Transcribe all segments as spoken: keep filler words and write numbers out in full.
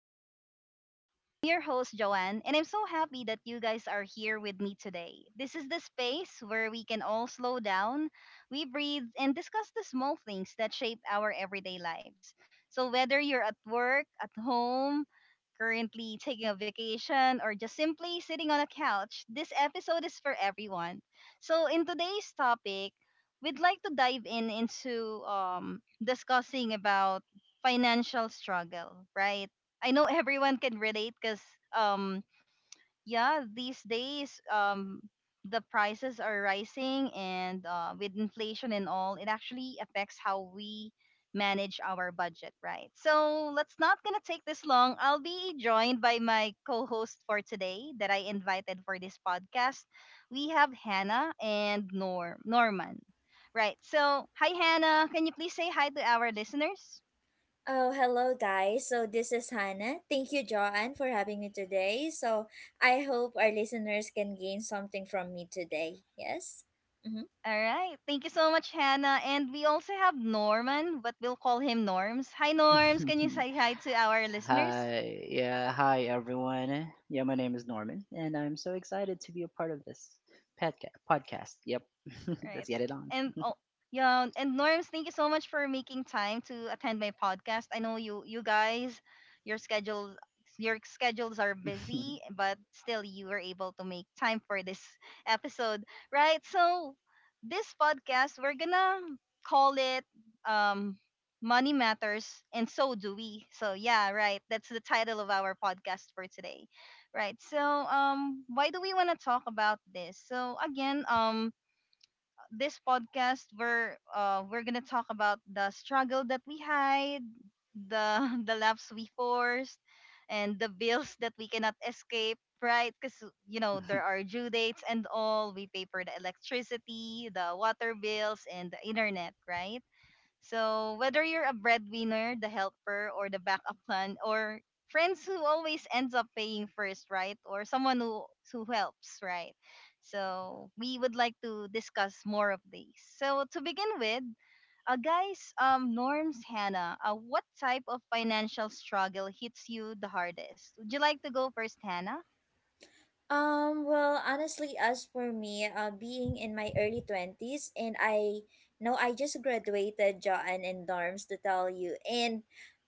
Moments with Joanne. I'm your host, Joanne, and I'm so happy that you guys are here with me today. This is the space where we can all slow down, we breathe, and discuss the small things that shape our everyday lives. So, whether you're at work, at home, currently taking a vacation, or just simply sitting on a couch, this episode is for everyone. So, in today's topic, we'd like to dive in into um, discussing about financial struggle, right? I know everyone can relate because um yeah, these days um the prices are rising and uh, with inflation and all, it actually affects how we manage our budget, right? So let's not gonna take this long. I'll be joined by my co-host for today that I invited for this podcast. We have Hannah and Nor Norman. Right. So, hi Hannah, can you please say hi to our listeners? Oh, hello, guys. So, this is Hannah. Thank you, Joanne, for having me today. So, I hope our listeners can gain something from me today. Yes? Mm-hmm. All right. Thank you so much, Hannah. And we also have Norman, but we'll call him Norms. Hi, Norms. Can you say hi to our listeners? hi, yeah, hi everyone. Yeah, my name is Norman, and I'm so excited to be a part of this podca- podcast. Yep. Let's Right. get it on. And oh yeah, and Norms, thank you so much for making time to attend my podcast. I know you you guys, your schedules your schedules are busy, but still you were able to make time for this episode. Right? So this podcast we're gonna call it um Money Matters and So Do We. So yeah, right. That's the title of our podcast for today. Right. So um why do we wanna talk about this? So again, um this podcast we're uh we're gonna talk about the struggle that we hide, the the laughs we forced, and the bills that we cannot escape, right? Because you know there are due dates and all, we pay for the electricity, the water bills, and the internet, right? So whether you're a breadwinner, the helper, or the backup plan, or friends who always ends up paying first, right? Or someone who who helps, right? So we would like to discuss more of these. So to begin with, uh, guys, um, Norms, Hannah, uh, what type of financial struggle hits you the hardest? Would you like to go first, Hannah? Um, well, honestly, as for me, uh, being in my early twenties, and I know I just graduated, John and Norms, to tell you. And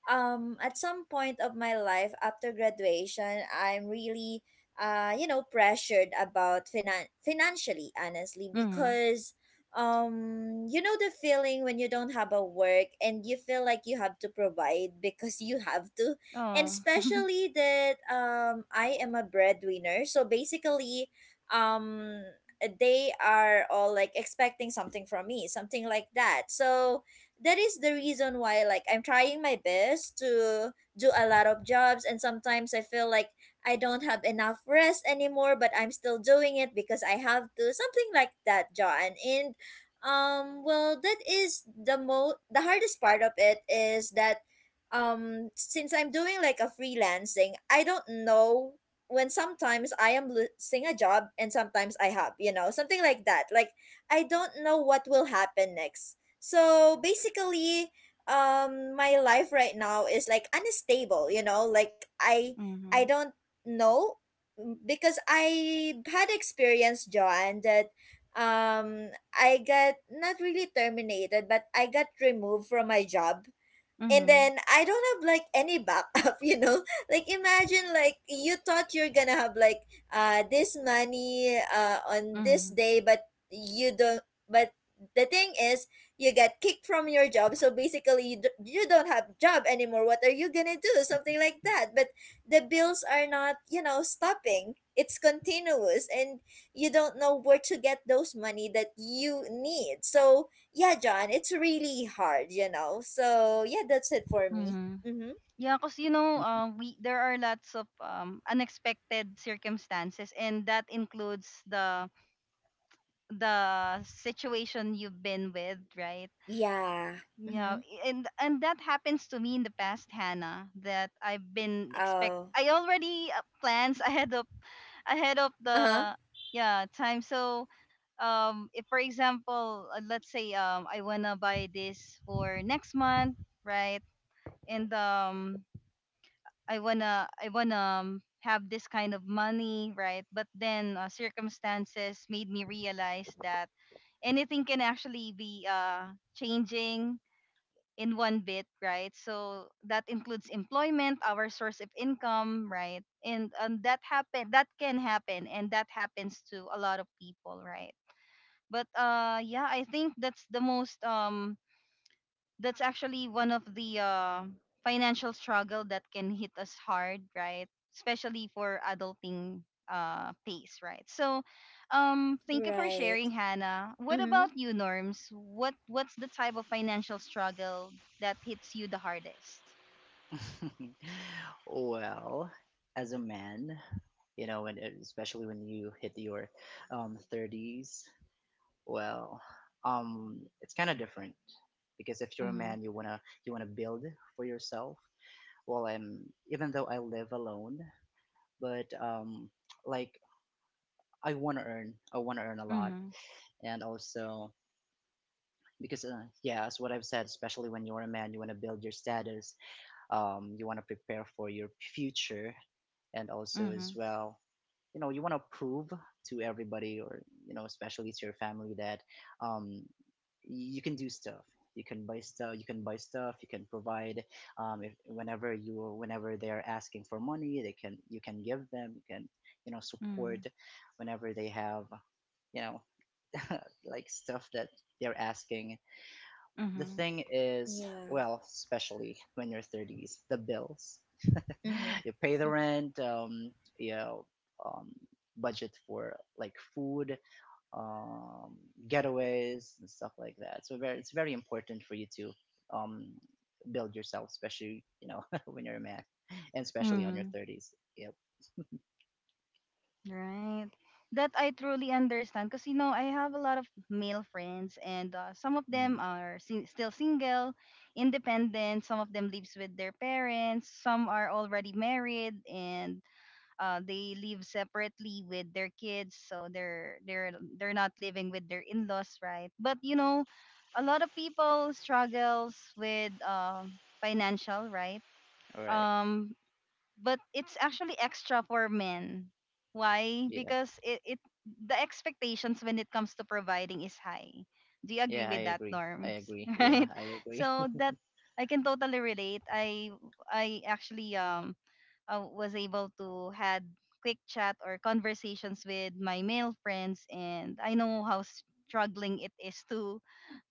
um, at some point of my life after graduation, I'm really, uh, you know, pressured about finan- financially, honestly. Mm-hmm. Because um you know the feeling when you don't have a work and you feel like you have to provide because you have to. And Oh. especially that um I am a breadwinner. So basically, um they are all like expecting something from me, something like that. So that is the reason why like I'm trying my best to do a lot of jobs, and sometimes I feel like I don't have enough rest anymore, but I'm still doing it because I have to, something like that, John. And um well, that is the mo the hardest part of it, is that um since I'm doing like a freelancing, I don't know when sometimes I am losing a job, and sometimes I have, you know, something like that. Like, I don't know what will happen next. So basically, um my life right now is like unstable, you know, like i i Mm-hmm. don't know. Mm, because I had experience, John, that um I got not really terminated, but I got removed from my job, and Mm-hmm. then I don't have like any backup, you know. Like imagine, like, you thought you're gonna have like uh this money uh on this Mm-hmm. day, but you don't. But the thing is, you get kicked from your job, so basically you do, you don't have job anymore. What are you gonna do? Something like that. But the bills are not, you know, stopping. It's continuous, and you don't know where to get those money that you need. So yeah, John, it's really hard, you know. So yeah, that's it for me. Mm-hmm. Mm-hmm. Yeah, because you know, uh, we there are lots of um, unexpected circumstances, and that includes the the situation you've been with, right? Yeah. Yeah, Mm-hmm. and and that happens to me in the past, Hannah. That I've been expect. Oh. I already uh, plans ahead of ahead of Uh-huh. the yeah time. So, um, if for example, uh, let's say um, I wanna buy this for next month, right? And um, I wanna I wanna um, have this kind of money, right? But then uh, circumstances made me realize that anything can actually be uh, changing in one bit, right? So that includes employment, our source of income, right? And and that happen that can happen, and that happens to a lot of people, right? But uh, yeah, I think that's the most um that's actually one of the uh, financial struggle that can hit us hard, right? Especially for adulting uh, pace, right? So, um, thank you for Right. sharing, Hannah. What Mm-hmm. about you, Norms? What What's the type of financial struggle that hits you the hardest? Well, as a man, you know, when especially when you hit your um, thirties, well, um, it's kind of different because if you're a Mm-hmm. man, you wanna you wanna build for yourself. Well, I'm even though I live alone, but um, like I want to earn. I want to earn a lot, Mm-hmm. and also because uh, yeah, as what I've said, especially when you're a man, you want to build your status. Um, you want to prepare for your future, and also as Mm-hmm. well, you know, you want to prove to everybody, or you know, especially to your family that um, you can do stuff. You can buy stuff. You can buy stuff. You can provide. Um, if, whenever you, Whenever they're asking for money, they can. You can give them. You can, you know, Mm-hmm. support whenever they have, you know, like stuff that they're asking. The Mm-hmm. thing is, Yeah. well, especially when you're thirties, the bills. Mm-hmm. You pay the rent, um, you know, um, budget for like food, um, getaways, and stuff like that. So very, it's very important for you to um, build yourself, especially, you know, when you're a man, and especially on your Mm-hmm. thirties. Yep. Right. That I truly understand because you know I have a lot of male friends and uh, some of them Mhm. are si- still single, independent, some of them lives with their parents, some are already married and uh, they live separately with their kids, so they're they're they're not living with their in-laws, right? But you know a lot of people struggles with uh, financial, right? All right. Um, but it's actually extra for men. Why? Yeah. Because it, it the expectations when it comes to providing is high. Do you agree Yeah, I with that, agree. I Norms? agree. Yeah, Right? I agree. So that I can totally relate. I I actually um I was able to had quick chat or conversations with my male friends, and I know how struggling it is to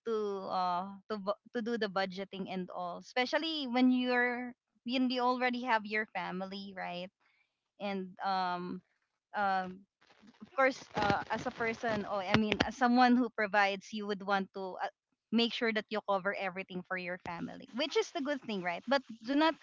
to uh to bu- to do the budgeting and all, especially when you're when you already have your family, right? And um um of course, uh, as a person, or I mean as someone who provides, you would want to uh, make sure that you cover everything for your family, which is the good thing, right? But do not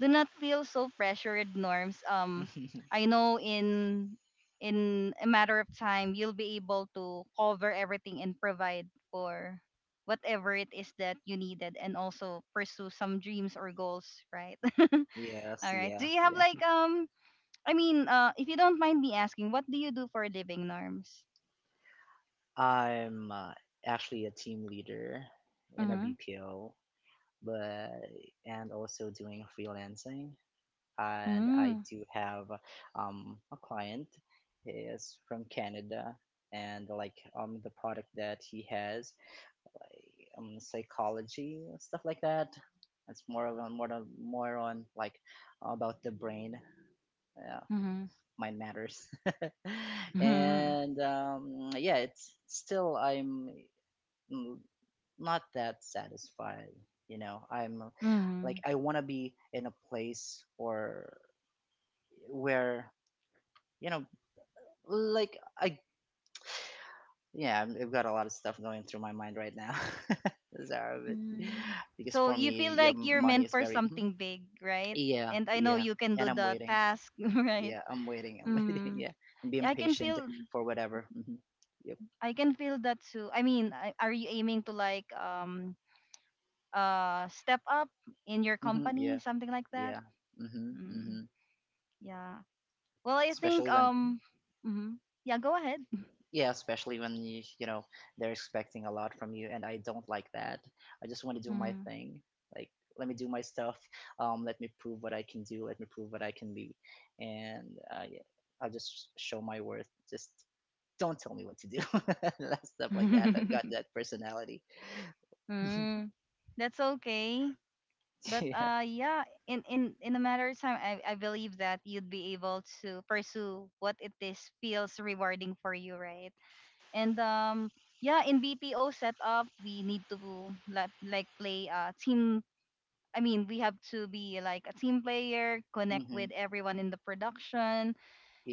do not feel so pressured, Norms. Um, I know in in a matter of time you'll be able to cover everything and provide for whatever it is that you needed, and also pursue some dreams or goals, right? Yes. All right. Yeah. Do you have Yeah. like um I mean, uh if you don't mind me asking, what do you do for a living, Norms? I'm uh, actually a team leader in a Mhm. B P O, but and also doing freelancing. And I Mm. do have um, a client is from Canada, and like um the product that he has, um psychology stuff like that. It's more of a, more of, more on like about the brain, uh, Mhm. mind matters, Mhm. and um yeah, it's still I'm mm, not that satisfied, you know, I'm uh, like Mhm. I want to be in a place or where, you know, like I, yeah, I'm- I've got a lot of stuff going through my mind right now, Zara, but, Mm-hmm. because So for you feel me, yeah, like m- you're money meant is for very, mhm. something big, right? Yeah, And I know yeah. you can And do I'm the waiting. task, right? Yeah, I'm waiting. I'm waiting. Mm. Yeah, I'm being I can patient feel for whatever. Hmm. Yep. I can feel that too. I mean, I- are you aiming to like um uh step up in your Hmm. company, Yeah, something like that? yeah. Hmm. Mm. Hmm. Yeah. Well, I think Especially when. um mhm. yeah, go ahead. Yeah, especially when you you know they're expecting a lot from you, and I don't like that. I just want to do my Mm. thing. Like, let me do my stuff. Um, let me prove what I can do. Let me prove what I can be, and uh, yeah, I'll just show my worth. Just don't tell me what to do. That Stuff like that. I've got that personality. Mm. That's okay. But Yeah. uh, yeah, in in in a matter of time, I I believe that you'd be able to pursue what it is feels rewarding for you, right? And um, yeah, in B P O setup, we need to like like play uh team. I mean, we have to be like a team player, connect Hmm. with everyone in the production,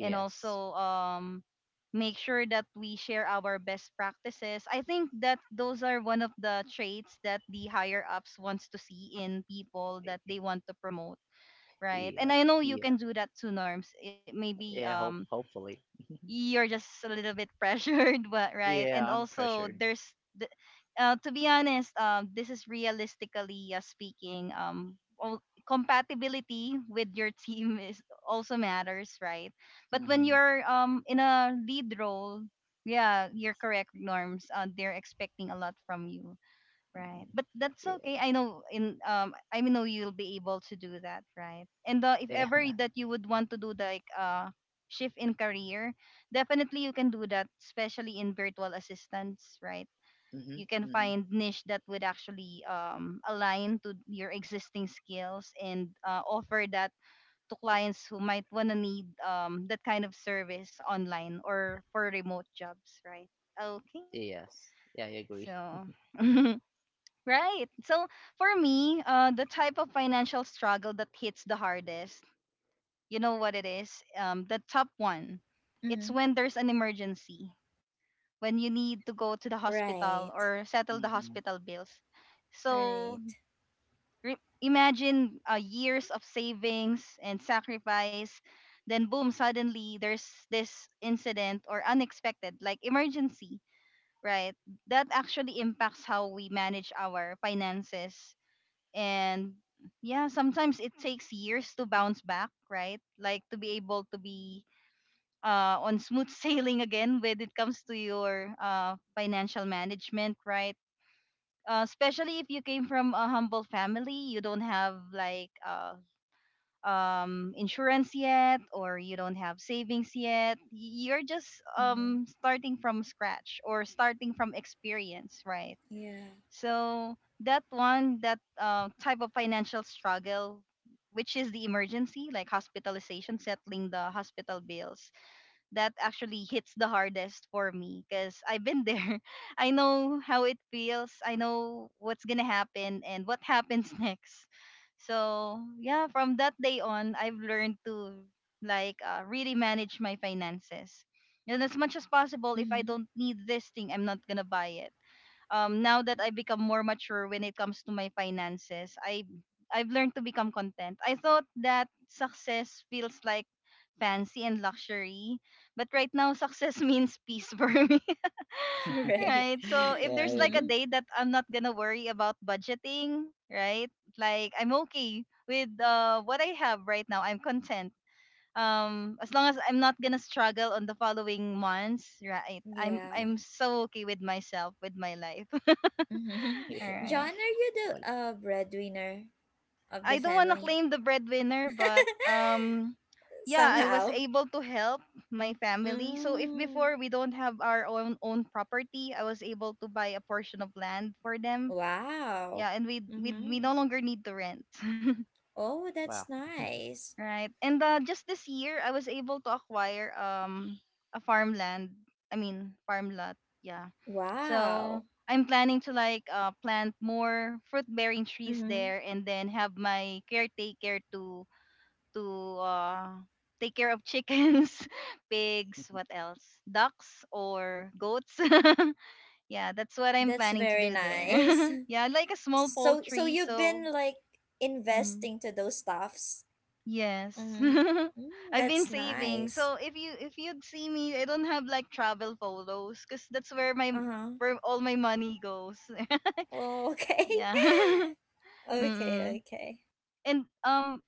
and also um make sure that we share our best practices. I think that those are one of the traits that the higher ups wants to see in people that they want to promote, right? Yeah. And I know you Yeah. can do that too, Norms. It maybe Yeah. um Hope. Hopefully. you're just a little bit pressured, but right. Yeah. And I'm also, pressured. there's the, uh, to be honest, um, this is realistically uh, speaking, um, all, compatibility with your team is also matters, right? But when Hmm. you're um in a lead role, yeah, you're correct, Norms. Uh, they're expecting a lot from you. Right. Hmm. But that's Yeah. okay. I know in um I know you'll be able to do that, right? And uh, if ever Yeah. that you would want to do like uh shift in career, definitely you can do that, especially in virtual assistants, right? Hmm. You can Hmm. find niche that would actually um align to your existing skills and uh, offer that to clients who might want to need um that kind of service online or for remote jobs, right? Okay. Yes. Yeah, I agree. So right. So for me, uh, the type of financial struggle that hits the hardest, you know what it is? Um, the top one. It's Mm-hmm. when there's an emergency, when you need to go to the hospital Right. or settle the Hmm. hospital bills. So Right. re- imagine uh, years of savings and sacrifice. Then, boom, suddenly there's this incident or unexpected, like emergency, right? That actually impacts how we manage our finances, and yeah, sometimes it takes years to bounce back, right? Like to be able to be uh, on smooth sailing again when it comes to your uh, financial management, right? uh, especially if you came from a humble family, you don't have like uh, um, insurance yet, or you don't have savings yet, you're just Mm-hmm. um, starting from scratch or starting from experience, right? Yeah. So that one, that uh, type of financial struggle, which is the emergency, like hospitalization, settling the hospital bills, that actually hits the hardest for me because I've been there. I know how it feels. I know what's gonna happen and what happens next. So yeah, from that day on, I've learned to like uh, really manage my finances. And as much as possible, if I Mm-hmm. don't need this thing, I'm not gonna buy it. um now that I've become more mature when it comes to my finances, I I've learned to become content. I thought that success feels like fancy and luxury, but right now success means peace for me. Right. Right? So if Yeah, I there's like a Mm-hmm. agree. day that I'm not gonna worry about budgeting, right? Like I'm okay with uh, what I have right now. I'm content. Um, as long as I'm not gonna struggle on the following months, right? I'm Yeah. I'm so okay with myself, with my life. All Yeah, Mm-hmm. John, right. are you the was- uh, breadwinner of the I don't want to family? claim the breadwinner, but um yeah, I was Somehow. able to help my family. So if Mm. before we don't have our own own property, I was able to buy a portion of land for them. Wow. Yeah, and we we we Mm-hmm. no longer need to rent. Oh, wow. that's nice. Right. And uh, just this year, I was able to acquire um a farmland. I mean, farm lot. Yeah. So Wow. I'm planning to like uh, plant more fruit bearing trees Mm-hmm. there, and then have my caretaker to to uh, take care of chickens, pigs, what else? Ducks or goats. Yeah, that's what I'm That's planning to very do there. nice. Yeah, I like a small So, so poultry, you've so been like mm, investing to those stuffs. yes. Mm-hmm. Mm, I've been that's saving. nice. So if you if you'd see me, I don't have like travel photos cuz that's where my Uh-huh. where all my money goes. Oh, okay. Yeah. mm Okay, okay. And um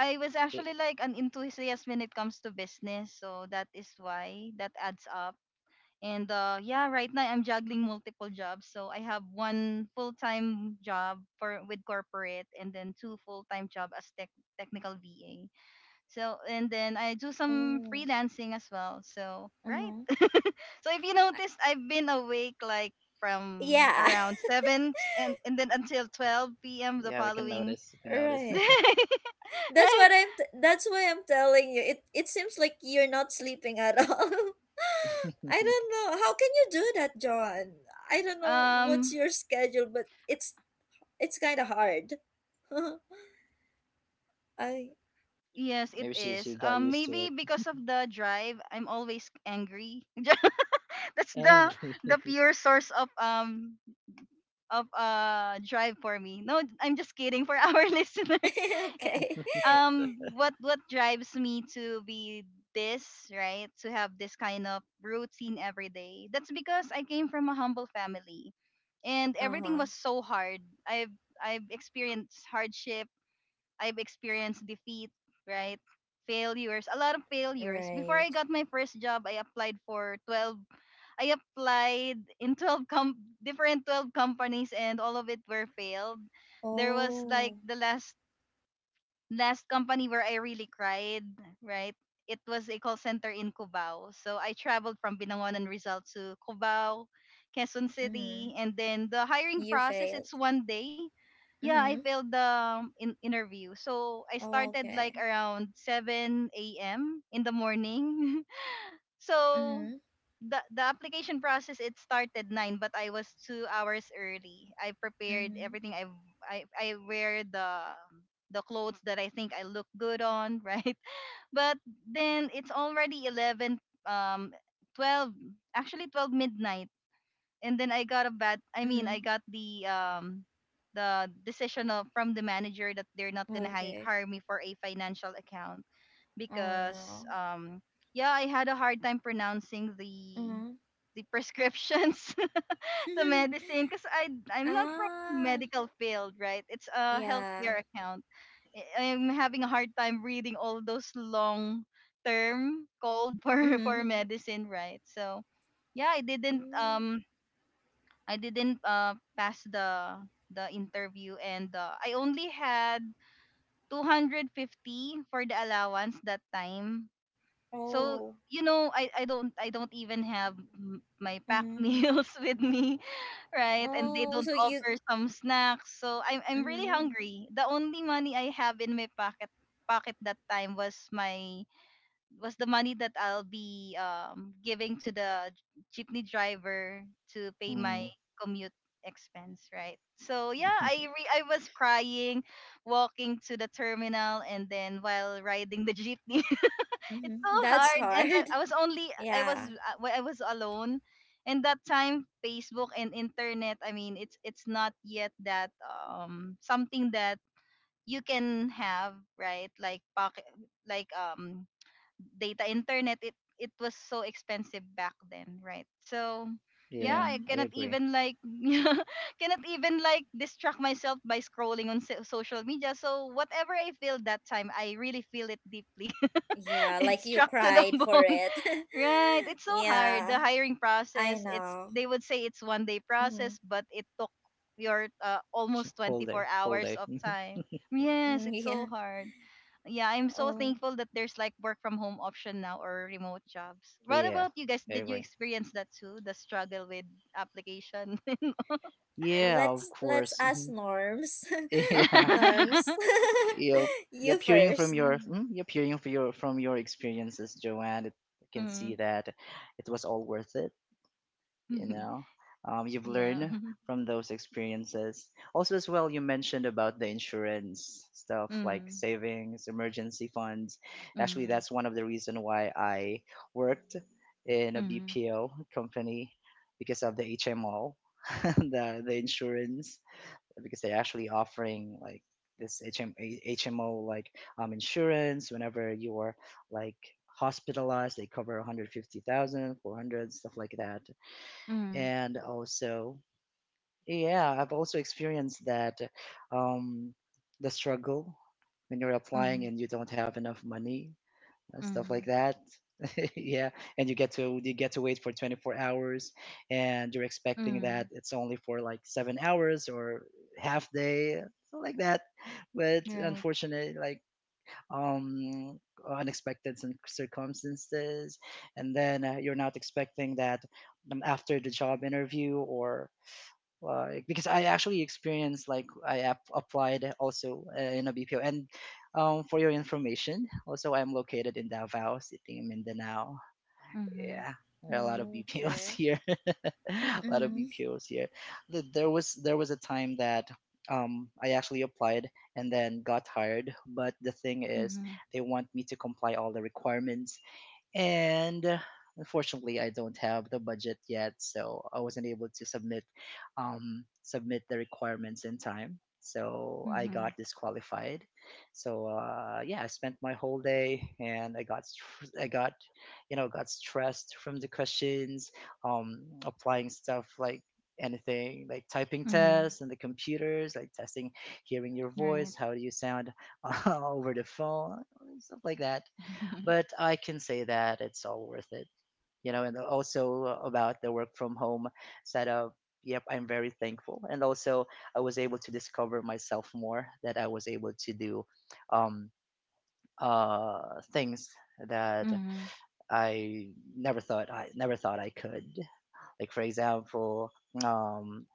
I was Y- actually like an enthusiast when it comes to business, so that is why that adds up. And uh, Yeah, right now I'm juggling multiple jobs. So I have one full-time job for with corporate, and then two full-time job as tech technical V A. So and then I do some Oh. freelancing as well. So right. Uh-huh. So if you noticed, I've been awake like from Yeah. around seven and and then until twelve p m the Yeah, we can following notice. We can notice. Right. day, That's right? what I'm T- that's why I'm telling you. It it seems like you're not sleeping at all. I don't know. How can you do that, John? I don't know what's Um, your schedule, but it's it's kind of hard. I. Yes, it Maybe she is. she got Um, used to Maybe it. because of the drive, I'm always angry. That's the Angry. the pure source of um of uh drive for me. No, I'm just kidding for our listeners. Yeah. Okay. Um, what what drives me to be this right to have this kind of routine every day? That's because I came from a humble family, and everything Uh-huh. was so hard. I've I've experienced hardship, I've experienced defeat, right? Failures, a lot of failures. Before I Right. got my first job, I applied for twelve. I applied in twelve com- different twelve companies and all of it were failed. There was like Oh. the last last company where I really cried, right? It was a call center in Cubao. So I traveled from Binangonan Rizal to Cubao, Quezon Mhm. City, and then the hiring You process, failed. it's one day. Yeah, I Mhm. failed the um, in- interview. So I Oh, started like okay. around seven a m in the morning. So Mhm. the the application process it started nine, but I was two hours early. I prepared Mhm. everything. I I I wear the the clothes that I think I look good on, right? But then it's already eleven, um, twelve, actually twelve midnight, and then I got a bad. I mean, Mhm. I got the um the decision of, from the manager that they're not gonna hi- Okay. hire me for a financial account Oh because no. um yeah, I had a hard time pronouncing the Mhm. the prescriptions, the medicine, because I I'm not from the Ah. medical field, right? It's a Yeah. healthcare account. I- I'm having a hard time reading all those long term called for for Mhm. medicine, right? So yeah, I didn't Mm. um I didn't uh pass the the interview, and uh, I only had two hundred fifty for the allowance that time, so Oh. you know, I, I don't I don't even have m- my packed Mm-hmm. meals with me, right? And they Oh, don't so you. offer some snacks, so I'm I'm really Mm-hmm. hungry. The only money I have in my pocket pocket that time was my was the money that I'll be um giving to the jeepney driver to pay my Mm. commute expense, right? So yeah, I re- I was crying, walking to the terminal, and then while riding the jeepney, it's Mm-hmm. so That's hard, and hard. i I was only I was Yeah. uh, when i was alone. And that time Facebook and internet, i mean it's it's not yet that, um, something that you can have right, like pocket, like, um data internet, it it was so expensive back then, right? So yeah, Yeah, i Mm-hmm. I cannot agree. even like cannot even like distract myself by scrolling on so- social media, so whatever i feel that time i really feel it deeply. Yeah, It's like you struck to the cried for bone. it. Right. It's so hard. The Yeah, hiring I process, it's know. they would say it's one day Mm-hmm. process, but it took your uh, Sh- almost Hold twenty-four there. Hold hours there. of time. Yes, Mm-hmm, it's so yeah. hard. Yeah, I'm so Oh, thankful that there's like work from home option now or remote jobs. What Yeah, about you guys? I Did you agree. experience that too? The struggle with application? Yeah, of let's let's course. ask Mhm. Norms. Yeah. Norms, You're you're you peering from first. your mm, you're peering from your from your experiences, Joanne. I can Mm-hmm. see that it was all worth it. You know, um, you've Yeah. learned from those experiences also, as well you mentioned about the insurance stuff, like Mm-hmm. savings, emergency funds. Actually, Mm-hmm. that's one of the reason why I worked in a mm BPO company because of the H M O, the, the insurance, because they're actually offering like this H M HMO, like, um, insurance whenever you are like hospitalized. They cover one hundred fifty thousand, four hundred, stuff like that. mm And also, yeah, I've also experienced that, um the struggle when you're applying mm and you don't have enough money and stuff like Mm. that. Yeah, and you get to you get to wait for twenty-four hours, and you're expecting that Mm. it's only for like seven hours or half day, something like that. But Right. unfortunately, like, um unexpected cir- circumstances, and then, uh, you're not expecting that, um, after the job interview, or like, because I actually experienced like I ap- applied also, uh, in a B P O. And um, for your information, also I'm located in Davao City, in Mindanao. Mm-hmm. Yeah, there are a lot of B P Os Okay. here. A lot of Mm-hmm. B P Os here. Th- There was there was a time that um, I actually applied and then got hired, but the thing Mm-hmm. is, they want me to comply all the requirements, and uh, unfortunately, I don't have the budget yet, so I wasn't able to submit um, submit the requirements in time, so I Mhm. got disqualified. So, uh, yeah, I spent my whole day, and I got str- i got you know got stressed from the questions, um, applying stuff, like, anything like typing Mhm. tests, and the computers, like, testing, hearing your Right. voice, how do you sound over the phone, stuff like that. But I can say that it's all worth it. You know, and also about the work from home setup. Yep, I'm very thankful, and also I was able to discover myself more. That I was able to do um, uh, things that Mhm. I never thought I never thought I could. Like for example, um,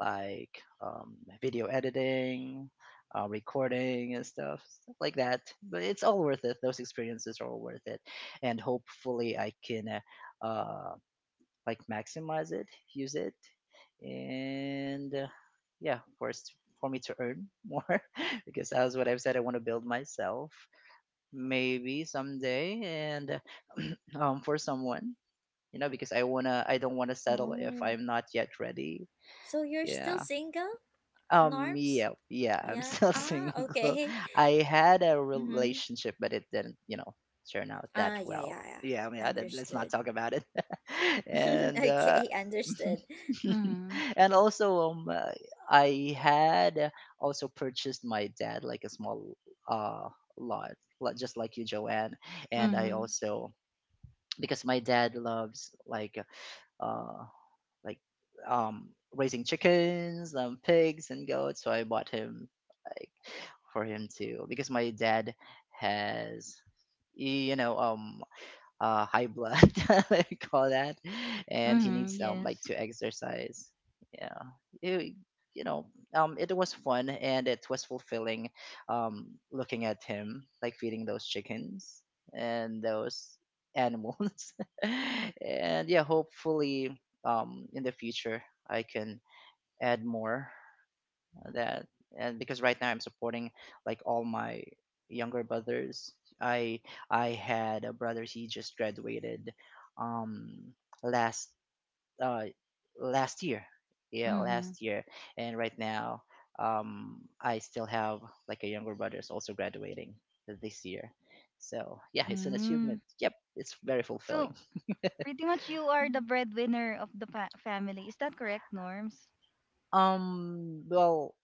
like, um, video editing, uh, recording, and stuff, stuff like that. But it's all worth it. Those experiences are all worth it, and hopefully I can uh, uh, like maximize it, use it, and uh, yeah, of course, for me to earn more because as what I've said, I want to build myself maybe someday, and um, for someone, you know, because I wanna, I don't wanna settle if Oh, I'm not yet ready. so you're still Yeah. single, Um, Norms? yeah, yeah, I'm Yeah. still Ah, single. okay. I had a Mm-hmm. relationship, but it didn't, you know, turn out that Ah, yeah, well. yeah, Yeah, I mean, yeah. I did, let's not Understood. talk about it. and uh, Okay, understood. Mhm. And also, um, uh, I had also purchased my dad like a small uh lot, lot- just like you, Joanne. And I Mhm. also, because my dad loves, like, uh like, um raising chickens, um pigs and goats. So I bought him, like, for him to, because my dad has, you know um uh, high blood, what we call that, and he Mhm. needs um like Yes. to exercise. Yeah, it, you know, um, it was fun, and it was fulfilling, um, looking at him like feeding those chickens and those animals, and yeah, hopefully, um, in the future I can add more that, and because right now I'm supporting like all my younger brothers. I I had a brother. He just graduated um last uh last year. Yeah, Mhm. last year. And right now, um I still have like a younger brother is also graduating this year. So, yeah, it's an Mm. achievement. Yep, it's very fulfilling. So pretty much you are the Mm. breadwinner of the pa- family. Is that correct, Norms? Um, well,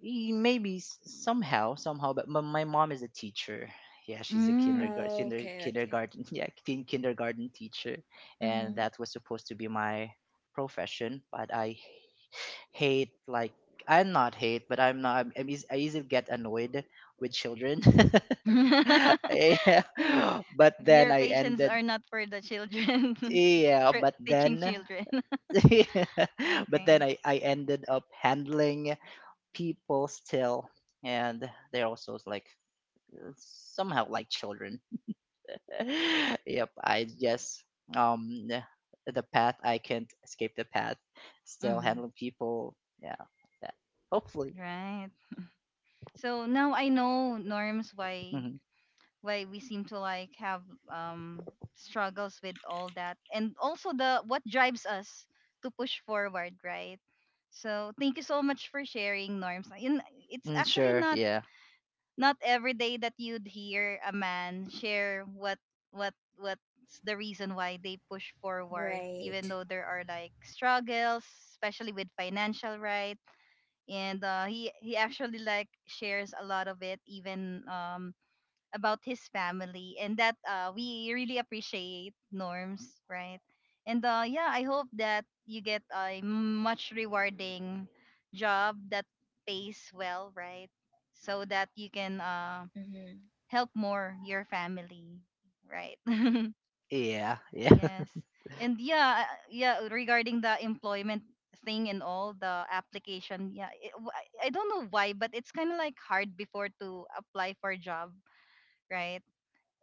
y- maybe s- somehow, somehow, but my, my mom is a teacher. Yeah, she's a Mm. kindergarten, kinder, Okay, okay. kindergarten, yeah, teen kindergarten teacher, and Mm-hmm. that was supposed to be my profession. But I hate, like, I'm not hate, but I'm not. I'm, I'm eas- I easily get annoyed with children. Yeah, but then Your I patients ended. are not for the children. Yeah, Tr- but teaching then, children. but Okay. then I I ended up handling people still, and they're also like somehow like children. Yep, I just, um the path, I can't escape the path. Still Mhm. handling people. Yeah, that, hopefully. Right. So now I know, Norms, why Hmm. why we seem to like have, um, struggles with all that, and also the what drives us to push forward, right? So thank you so much for sharing, Norms, and it's Mm, actually sure. not Yeah. not every day that you'd hear a man share what what what's the reason why they push forward Right. even though there are like struggles, especially with financial, right? And uh, he he actually like shares a lot of it, even um about his family, and that uh, we really appreciate Norms, right? And uh, yeah, I hope that you get a much rewarding job that pays well, right? So that you can uh, Mm-hmm. help more your family, right? Yeah. Yeah. Yes. And yeah uh, yeah, regarding the employment thing and all the application, yeah, it, w- I I don't know why, but it's kind of like hard before to apply for a job, right?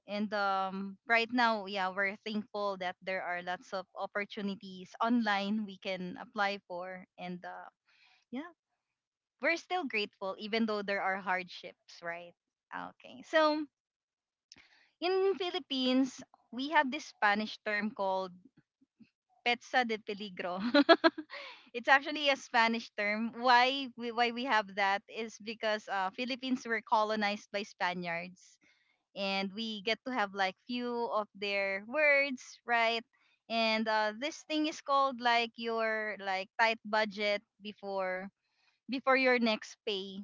And um, right now, yeah, we're thankful that there are lots of opportunities online we can apply for. And uh, yeah, we're still grateful even though there are hardships, right? Okay. So in Philippines, we have this Spanish term called petsa de peligro. It's actually a Spanish term. Why we, why we have that is because uh, Philippines were colonized by Spaniards, and we get to have like few of their words, right? And uh, this thing is called like your like tight budget before before your next pay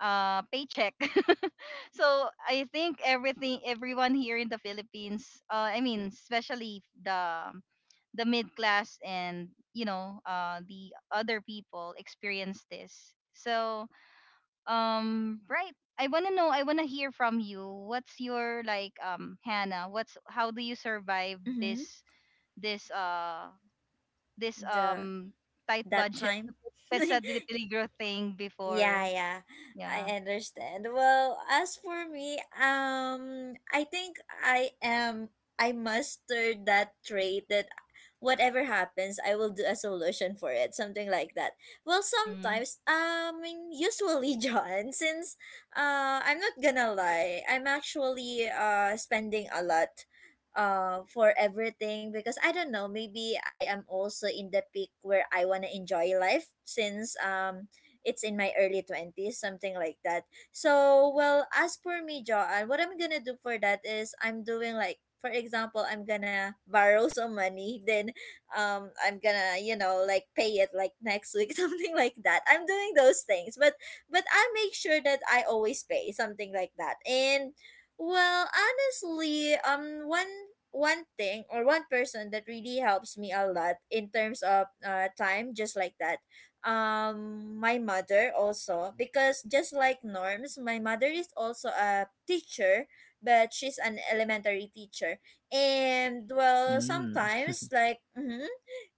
uh paycheck. So I think everything everyone here in the Philippines, uh, I mean especially the the mid class, and you know uh, the other people experience this. So um right, i want to know I want to hear from you, what's your like, um, Hannah, what's how do you survive Mm-hmm. this this uh this The, um tight that budget time. petsa de peligro thing Yeah, before? yeah, I Yeah. understand. Well, as for me, um, I think I am I mastered that trait, that whatever happens, I will do a solution for it, something like that. Well, Mm-hmm. sometimes, um, usually, John, since uh, I'm not gonna lie, I'm actually uh spending a lot uh for everything, because I don't know, maybe I am also in the peak where I wanna enjoy life, since um it's in my early twenties, something like that. So, well, as for me, Joanne, what I'm gonna do for that is I'm doing like, for example, I'm gonna borrow some money, then um, I'm gonna, you know, like pay it like next week, something like that. I'm doing those things, but but I make sure that I always pay something like that. And well, honestly, um, one one thing or one person that really helps me a lot in terms of uh, time, just like that, um my mother also, because just like Norms, my mother is also a teacher, but she's an elementary teacher. And well, Mm. sometimes like, mhm,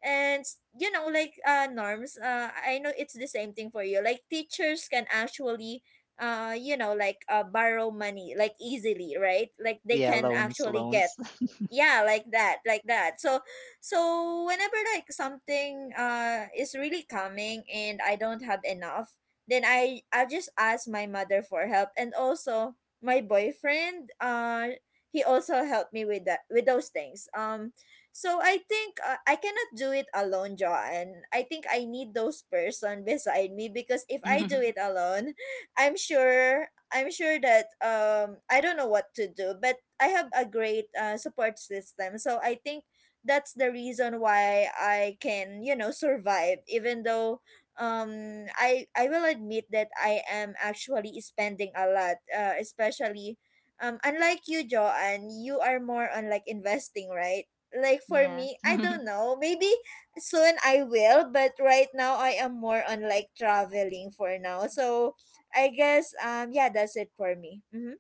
and you know, like, uh Norms, uh I know it's the same thing for you. Like, teachers can actually uh you know, like, uh borrow money like easily, right? Like they Yeah. can Loans. actually get, Loans. yeah, like that, like that. So so whenever like something uh is really coming and I don't have enough, then i i just ask my mother for help, and also my boyfriend, uh he also helped me with that, with those things. Um so I think uh, I cannot do it alone, John. I think I need those person beside me, because if I do it alone, I'm sure, I'm sure that um I don't know what to do. But I have a great uh, support system. So I think that's the reason why I can, you know, survive, even though um I I will admit that I am actually spending a lot, uh, especially um unlike you, Joanne, you are more on like investing, right? Like for Yes. me, I don't know. Maybe soon I will, but right now I am more on like traveling for now. So I guess um yeah, that's it for me. Mhm.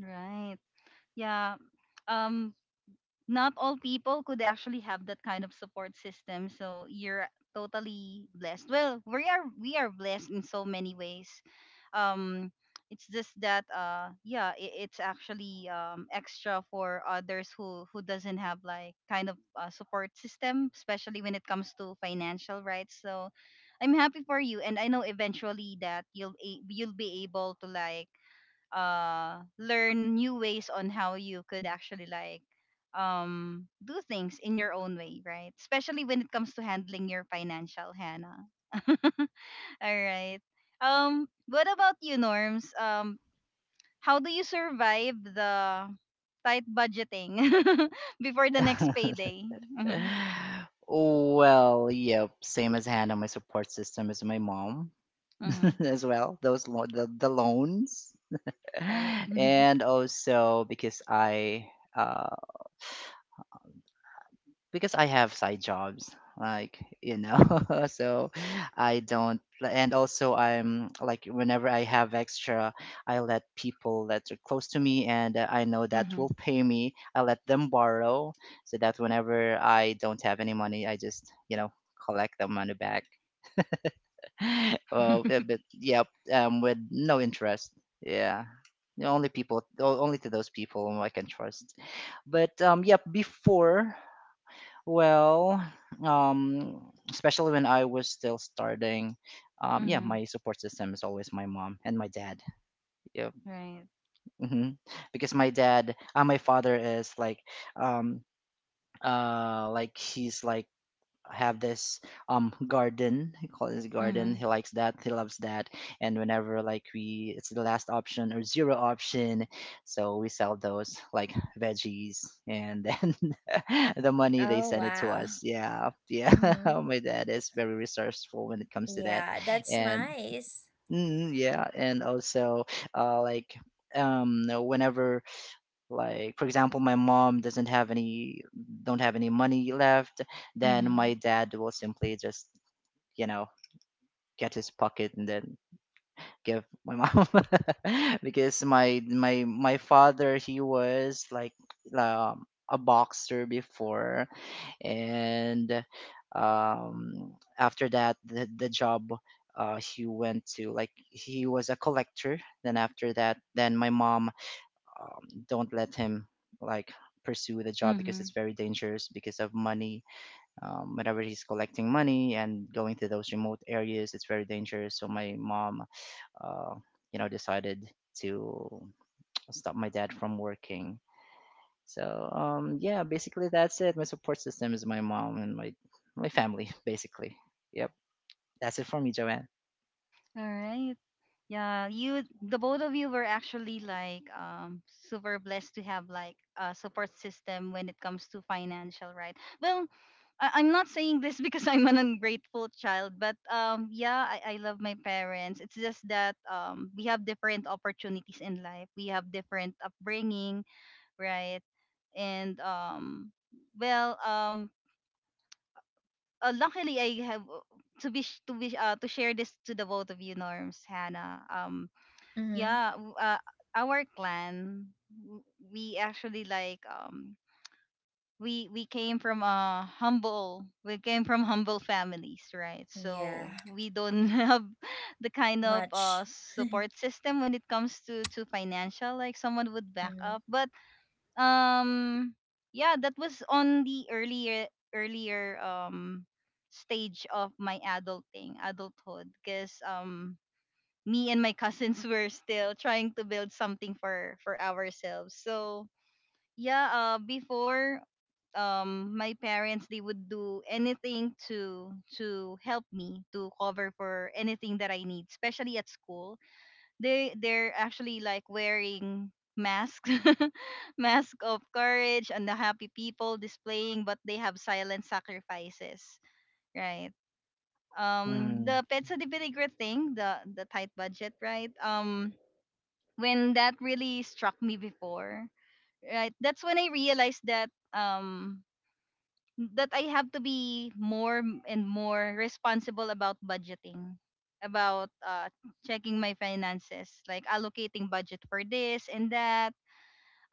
Right. Yeah. um Not all people could actually have that kind of support system, so you're totally blessed. Well, we are, we are blessed in so many ways. um it's just that uh yeah, it, it's actually um extra for others who who doesn't have like kind of uh, support system, especially when it comes to financial, right? So I'm happy for you, and I know eventually that you'll a- you'll be able to like uh learn new ways on how you could actually like um do things in your own way, right? Especially when it comes to handling your financial, Hannah. All right. Um what about you, Norms? Um how do you survive the tight budgeting before the next payday? Mm-hmm. Well, yep. Same as hand my support system is my mom, Mm-hmm. as well. Those lo- the, the loans. Right. Mm-hmm. And also, because I uh because I have side jobs, like, you know, so I don't, and also I'm, like, whenever I have extra, I let people that are close to me, and, uh, I know that will pay me, I let them borrow, so that whenever I don't have any money, I just you know collect the money back. Well, Mm-hmm. but but, yep, um with no interest, yeah. The only people, o- only to those people whom I can trust. But um, yeah, before, well, um, especially when I was still starting, um, yeah, my support system is always my mom and my dad. Yeah, Right. hmm because my dad, uh, my father is like, um, uh, like he's like have this um garden. He calls his garden, Mm-hmm. he likes that, he loves that. And whenever like we it's the last option or zero option, so we sell those like veggies, and then the money, they Oh, send it to wow. us, yeah, yeah. Mhm. My dad is very resourceful when it comes to that. Yeah, that's And nice. mm, yeah, and also uh like um whenever, like for example, my mom doesn't have any don't have any money left, then Mm-hmm. my dad will simply just you know get his pocket and then give my mom. Because my my my father, he was like um, a boxer before. And um after that, the, the job uh he went to, like he was a collector. Then after that, then my mom, um, don't let him like pursue the job because Mm-hmm. it's very dangerous because of money. Um, whenever he's collecting money and going to those remote areas, it's very dangerous. So my mom, uh, you know decided to stop my dad from working. So um, yeah, basically that's it. My support system is my mom and my my family. Basically, yep, that's it for me, Joanne. All right. Yeah, you, the both of you were actually like um super blessed to have like a support system when it comes to financial, right? Well, I- I'm not saying this because I'm an ungrateful child, but um yeah, I, I love my parents. It's just that um we have different opportunities in life. We have different upbringing, right? And um well, um uh, luckily I have uh, to be sh- to be uh, to share this to the both of you, Norms, Hannah. Um Mm-hmm. Yeah w- uh, our clan w- we actually like um we we came from a humble we came from humble families, right? Yeah, So we don't have the kind of uh much. support system when it comes to to financial, like someone would back Mm-hmm. up. But um yeah, that was on the earlier earlier um stage of my adulting adulthood because um me and my cousins were still trying to build something for for ourselves. So yeah uh, before, um my parents they would do anything to to help me, to cover for anything that I need, especially at school. They they're actually like wearing masks, mask of courage, and the happy people displaying, but they have silent sacrifices, right? Um mm. The petsa de peligro thing, the the tight budget, right? Um when that really struck me before, right? That's when I realized that um that I have to be more m- and more responsible about budgeting, about uh, checking my finances, like allocating budget for this and that,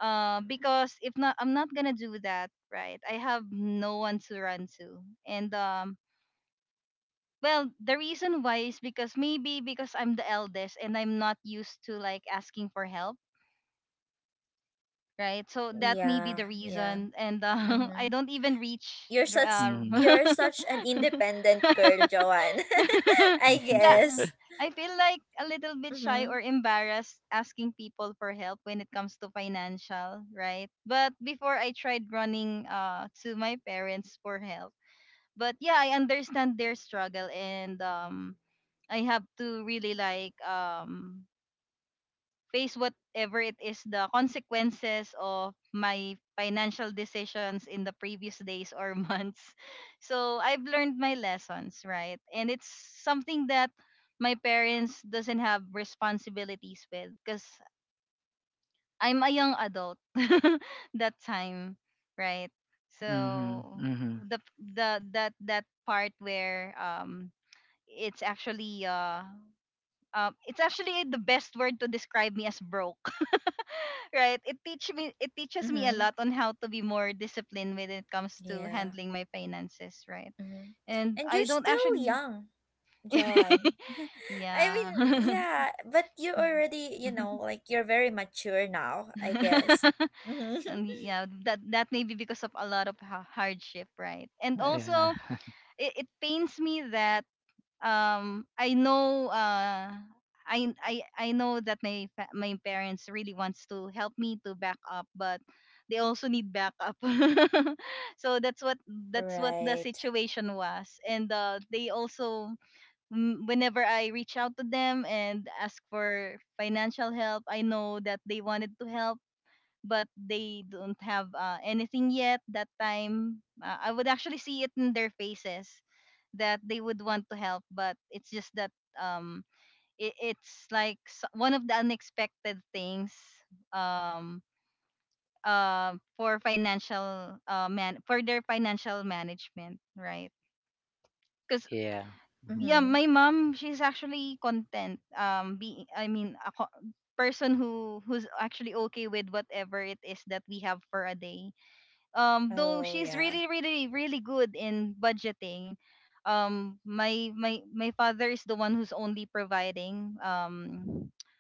uh, because if not, I'm not gonna do that, right? I have no one to run to. And um well the reason why is because maybe because I'm the eldest and I'm not used to like asking for help, right? So that may be Yeah, the yeah. reason, and uh, I Mm-hmm. don't even reach. You're the, such, Uh, mm-hmm. you're such an independent girl, Joanne. I Yeah, guess. I feel like a little bit shy Mm-hmm. or embarrassed asking people for help when it comes to financial, right? But before I tried running uh to my parents for help, but yeah, I understand their struggle, and um, I have to really like um face whatever it is the consequences of my financial decisions in the previous days or months. So I've learned my lessons, right? And it's something that my parents doesn't have responsibilities with because I'm a young adult that time, right? Mm-hmm. So Mm-hmm. the the that that part where um it's actually uh, uh it's actually the best word to describe me as broke, right? It teach me, it teaches me a Mm-hmm. lot on how to be more disciplined when it comes to Yeah. handling my finances, right? Mm-hmm. And And you're I don't still actually young, Joanne. I mean, yeah yeah, but you already, you know, like you're very mature now, I guess. Mm-hmm. and yeah, that that may be because of a lot of ha- hardship, right? And Yeah. also it, it pains me that um I know uh I I I know that my fa- my parents really wants to help me to back up, but they also need backup. So that's what, that's what the Right. situation was, and uh they also mm, whenever I reach out to them and ask for financial help, I know that they wanted to help, but they don't have uh, anything yet that time. uh, I would actually see it in their faces that they would want to help, but it's just that um it, it's like s- one of the unexpected things um uh for financial uh man for their financial management, right? Because Yeah. yeah, Mm-hmm. my mom, she's actually content um be I mean a co- person who who's actually okay with whatever it is that we have for a day. Um though Oh, she's yeah. really really really good in budgeting. um my my my father is the one who's only providing, um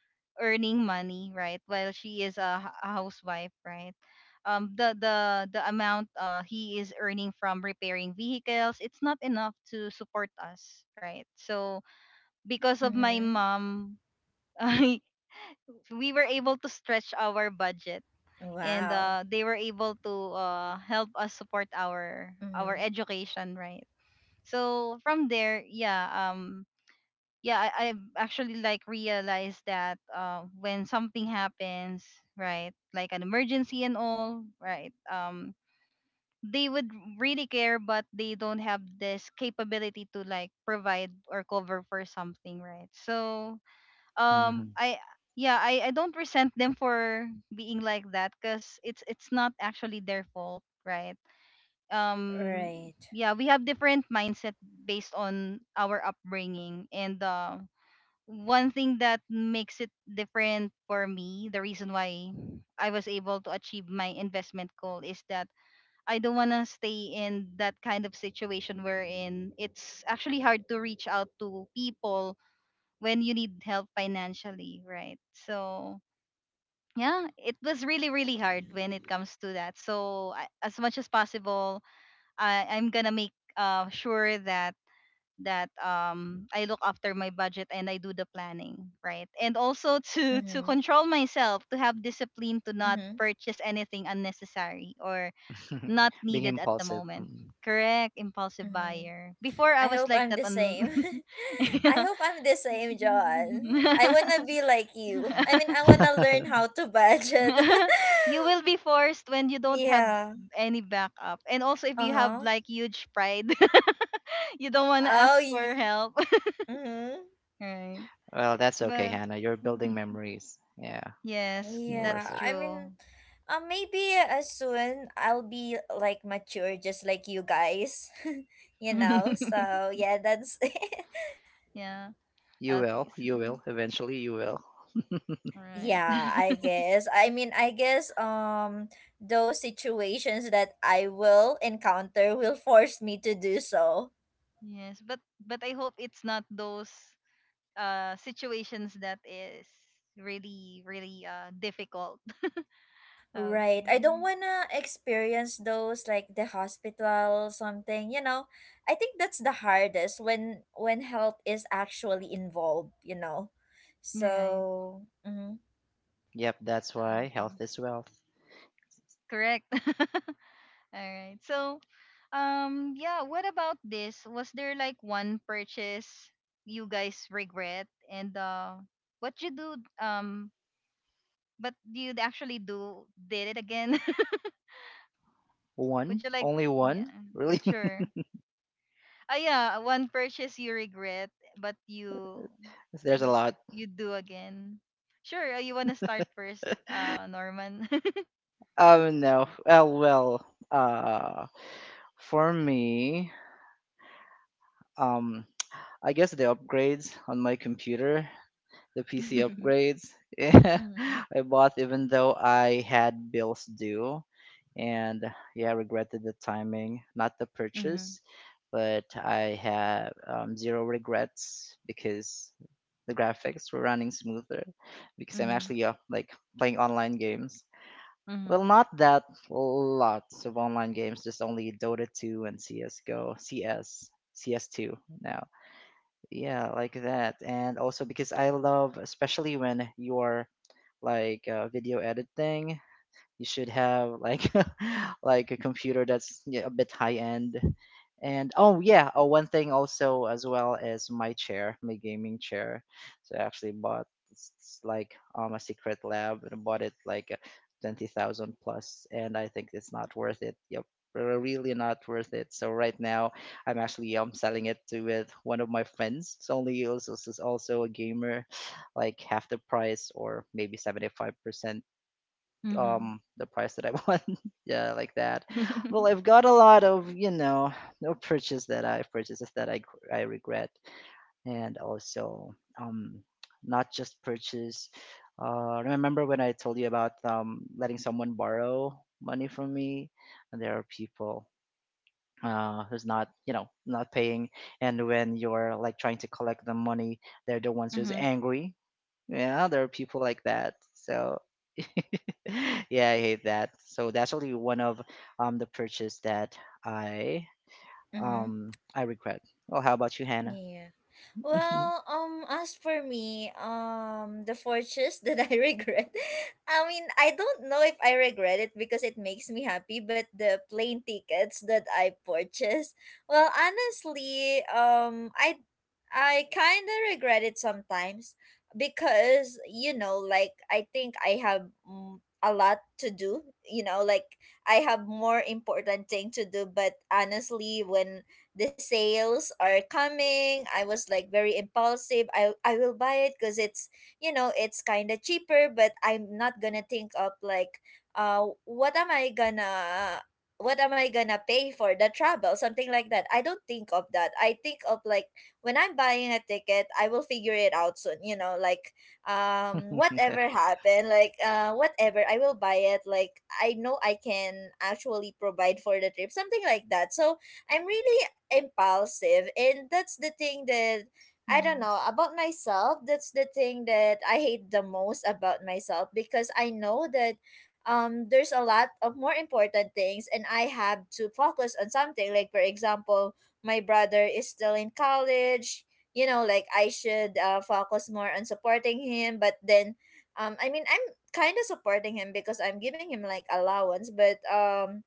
earning money, right? While she is a, h- a housewife, right? um the the the amount uh he is earning from repairing vehicles, it's not enough to support us, right? So because of my Mm-hmm. mom, I, we were able to stretch our budget, and Wow. uh, they were able to uh, help us support our our Mhm. education, right? So from there, yeah, um yeah, I, i actually like realized that uh, when something happens, right? Like an emergency and all, right? Um they would really care, but they don't have this capability to like provide or cover for something, right? So um Mm-hmm. I yeah, I I don't resent them for being like that, because it's it's not actually their fault, right? um Right. yeah, we have different mindset based on our upbringing, and uh, one thing that makes it different for me, the reason why I was able to achieve my investment goal, is that I don't want to stay in that kind of situation wherein it's actually hard to reach out to people when you need help financially, right? So yeah, it was really, really hard when it comes to that. So, I- as much as possible, I, I'm gonna make uh, sure that that um I look after my budget and I do the planning, right? And also to to Mhm. control myself, to have discipline to not Mhm. purchase anything unnecessary or not Being needed at the impulsive. moment. Mm. Correct, impulsive Mhm. buyer. Before I I was hope like I'm that the on same. I hope I'm the same, John. yeah. I wanna be like you. I mean, I wanna learn how to budget. You will be forced when you don't have Yeah. any backup. And also if Uh you have huh. like huge pride, you don't want to Oh. ask y- for help. Mhm. Right. Well, that's okay, But Hannah. You're building memories. Yeah, yes, it's worth that's Yeah. it. I mean, true. uh, maybe uh, soon I'll be like mature, just like you guys. You know. So yeah, that's Yeah. You Okay. will. s- You mm, will. Eventually, you will. all right. yeah, I guess. I mean, I guess um those situations that I will encounter will force me to do so. Yes, but but I hope it's not those uh situations that is really really uh difficult. Right. Okay. I don't want to experience those, like the hospital something, you know. I think that's the hardest, when when health is actually involved, you know. Right. So, mhm. Yep, that's why uh health is wealth. Correct. All right. So um, yeah, what about this? Was there like one purchase you guys regret, and uh what you do um but you actually do did it again? Would One? you like Only yeah, one? Really? sure. Ah yeah, one purchase you regret but you There's a lot. you do again. Sure, uh, you want to start first, uh Norman. Oh, no. Well, well. Uh, for me, um, I guess the upgrades on my computer, the P C upgrades. Yeah, Mhm, I bought even though I had bills due, and yeah, regretted the timing, not the mhm, purchase, but I have um, zero regrets because the graphics were running smoother because I'm mhm, actually uh, like playing online games. Well, mhm, not that lots of online games, just only Dota two and C S:GO, C S, C S two now. Yeah, like that. And also because I love, especially when you're like uh, video editing, you should have like like a computer that's, yeah, a bit high end. And oh, yeah, oh, one thing also as well is my chair my gaming chair. So I actually bought, it's, it's like um a secret lab, and I bought it like uh, twenty thousand plus, and I think it's not worth it. Yep, re- really not worth it. So right now, I'm actually um selling it to with one of my friends. It's only also is also a gamer. Like half the price, or maybe seventy-five percent mhm, um the price that I want. Yeah, like that. Well, mhm, I've got a lot of, you know, no purchase that I purchases that I I regret. And also, um not just purchase. Uh remember when I told you about um letting someone borrow money from me, and there are people uh, who's not you know not paying, and when you're like trying to collect the money, they're the ones who's mhm, angry. Yeah, there are people like that. So yeah, I hate that. So that's only one of um the purchase that I Mhm. um I regret. Well, how about you, Hannah? Yeah. Well, um, as for me, um, the fortress that I regret, I mean, I don't know if I regret it because it makes me happy, but the plane tickets that I purchased, well, honestly, um, I I kind of regret it sometimes, because, you know, like I think I have, mm, a lot to do, you know, like I have more important thing to do. But honestly, when the sales are coming, I was like very impulsive. I I will buy it, cuz it's, you know, it's kind of cheaper. But I'm not going to think of like uh what am I gonna, what am I gonna pay for the travel? Something like that. I don't think of that. I think of like, when I'm buying a ticket, I will figure it out soon. You know, like, um, whatever happened, like uh, whatever, I will buy it. Like I know I can actually provide for the trip, something like that. So I'm really impulsive, and that's the thing that. I don't mhm, know about myself. That's the thing that I hate the most about myself, because I know that um there's a lot of more important things, and I have to focus on something, like, for example, my brother is still in college, you know, like I should uh, focus more on supporting him. But then, um I mean, I'm kind of supporting him because I'm giving him like allowance, but um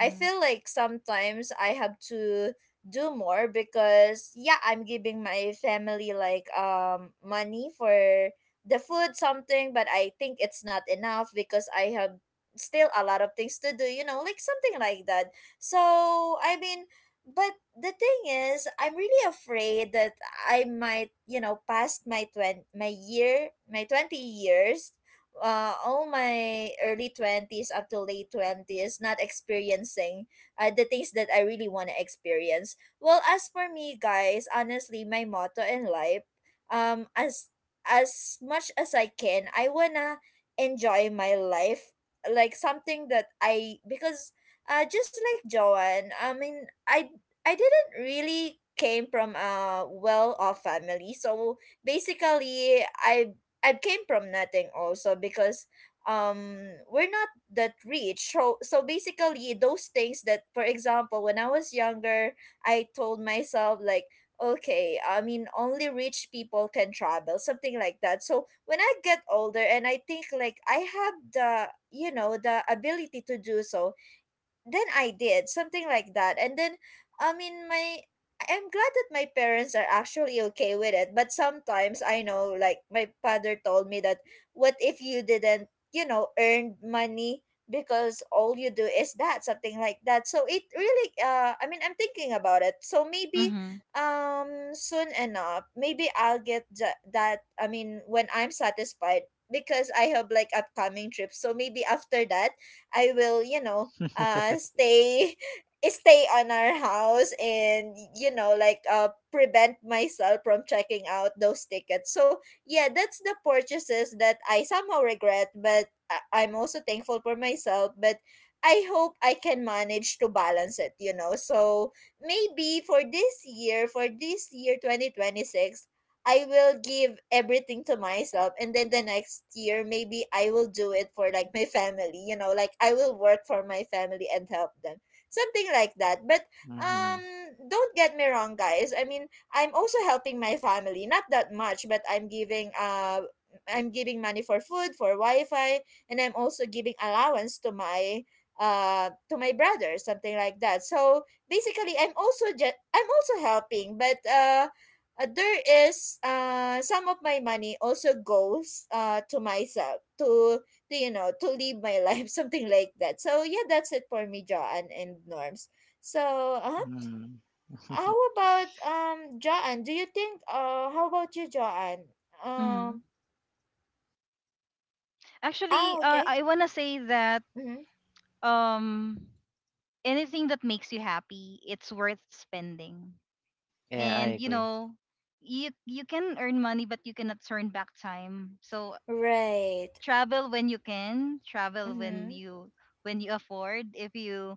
I feel like sometimes I have to do more, because yeah, I'm giving my family like um money for the food, something, but I think it's not enough, because I have still a lot of things to do, you know, like something like that. So I mean, but the thing is, I'm really afraid that I might, you know, past my twenty, my year, my twenty years, uh, all my early twenties up to late twenties, not experiencing uh, the things that I really want to experience. Well, as for me, guys, honestly, my motto in life, um, as as much as I can, I wanna enjoy my life, like something that I, because uh, just like Joanne, I mean, I I didn't really came from a well-off family. So basically, I I came from nothing also, because um we're not that rich. So so basically, those things that, for example, when I was younger, I told myself like. Okay, I mean, only rich people can travel, something like that. So when I get older and I think like I have the, you know, the ability to do so, then I did something like that, and then I mean my I- am glad that my parents are actually okay with it. But sometimes I know, like my father told me that what if you didn't, you know, earn money because all you do is that, something like that. So it really, uh, I mean, I'm thinking about it. So maybe, mhm, um, soon enough, maybe I'll get tha- that. I mean, when I'm satisfied because I have like upcoming trips. So maybe after that, I will, you know, Hmm. uh stay stay on our house, and you know like uh prevent myself from checking out those tickets. So yeah, that's the purchases that I somehow regret, but I- I'm also thankful for myself, but I hope I can manage to balance it, you know. So maybe for this year, for this year twenty twenty-six, I will give everything to myself, and then the next year maybe I will do it for like my family, you know, like I will work for my family and help them. Something like that. But um don't get me wrong, guys. I mean, I'm also helping my family, not that much, but I'm giving uh I'm giving money for food, for Wi-Fi, and I'm also giving allowance to my uh to my brother, something like that. So basically I'm also just I'm also helping, but uh uh, there is uh some of my money also goes uh to myself, to to you know, to live my life something like that. So yeah, that's it for me, Joanne and norms. So uh-huh. Hmm. How about um Joanne, do you think uh how about you, Joanne? hmm. Um, ah, Actually, uh, okay. I want to say that Mm-hmm. um, anything that makes you happy, it's worth spending. Yeah, I And you agree. know, you you can earn money, but you cannot turn back time. So Right. travel when you can, travel Mm-hmm. when you when you afford. If you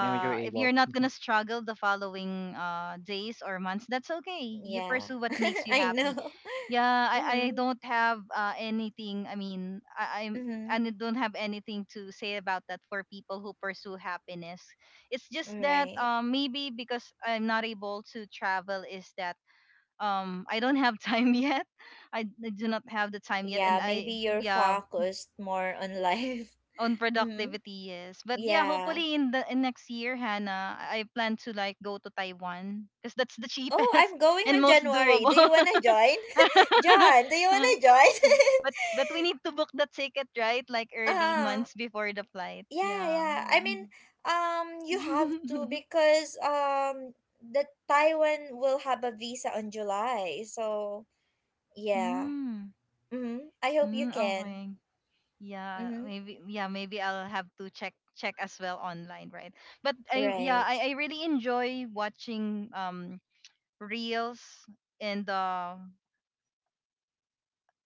I mean, you're if able. you're not gonna struggle the following uh, days or months, that's okay. You Yeah. pursue what makes you I know. happy. Yeah, I, I Mm-hmm. don't have uh, anything. I mean, I, I'm Mm-hmm. and I don't have anything to say about that for people who pursue happiness. It's just that Right. um, maybe because I'm not able to travel is that um I don't have time yet. I, I do not have the time yet, and Yeah, I maybe you're yeah focused more on life. on Mm-hmm. productivity, yes. But yeah, Yeah. hopefully in the in next year, Hannah, I I plan to like go to Taiwan, because that's the Oh, cheapest I'm going and on most January. doable. Do you wanna join? John, do you wanna join? But but we need to book the ticket, right? Like early Uh, months before the flight. yeah, Yeah. yeah. I mean, um, you have to, because um the Taiwan will have a visa on July. So, yeah. Mm. Mm-hmm. I hope you Mm, can. okay. Yeah, Mm-hmm. maybe yeah, maybe I'll have to check check as well online, right? But I yeah, Right. I, I really enjoy watching um reels and uh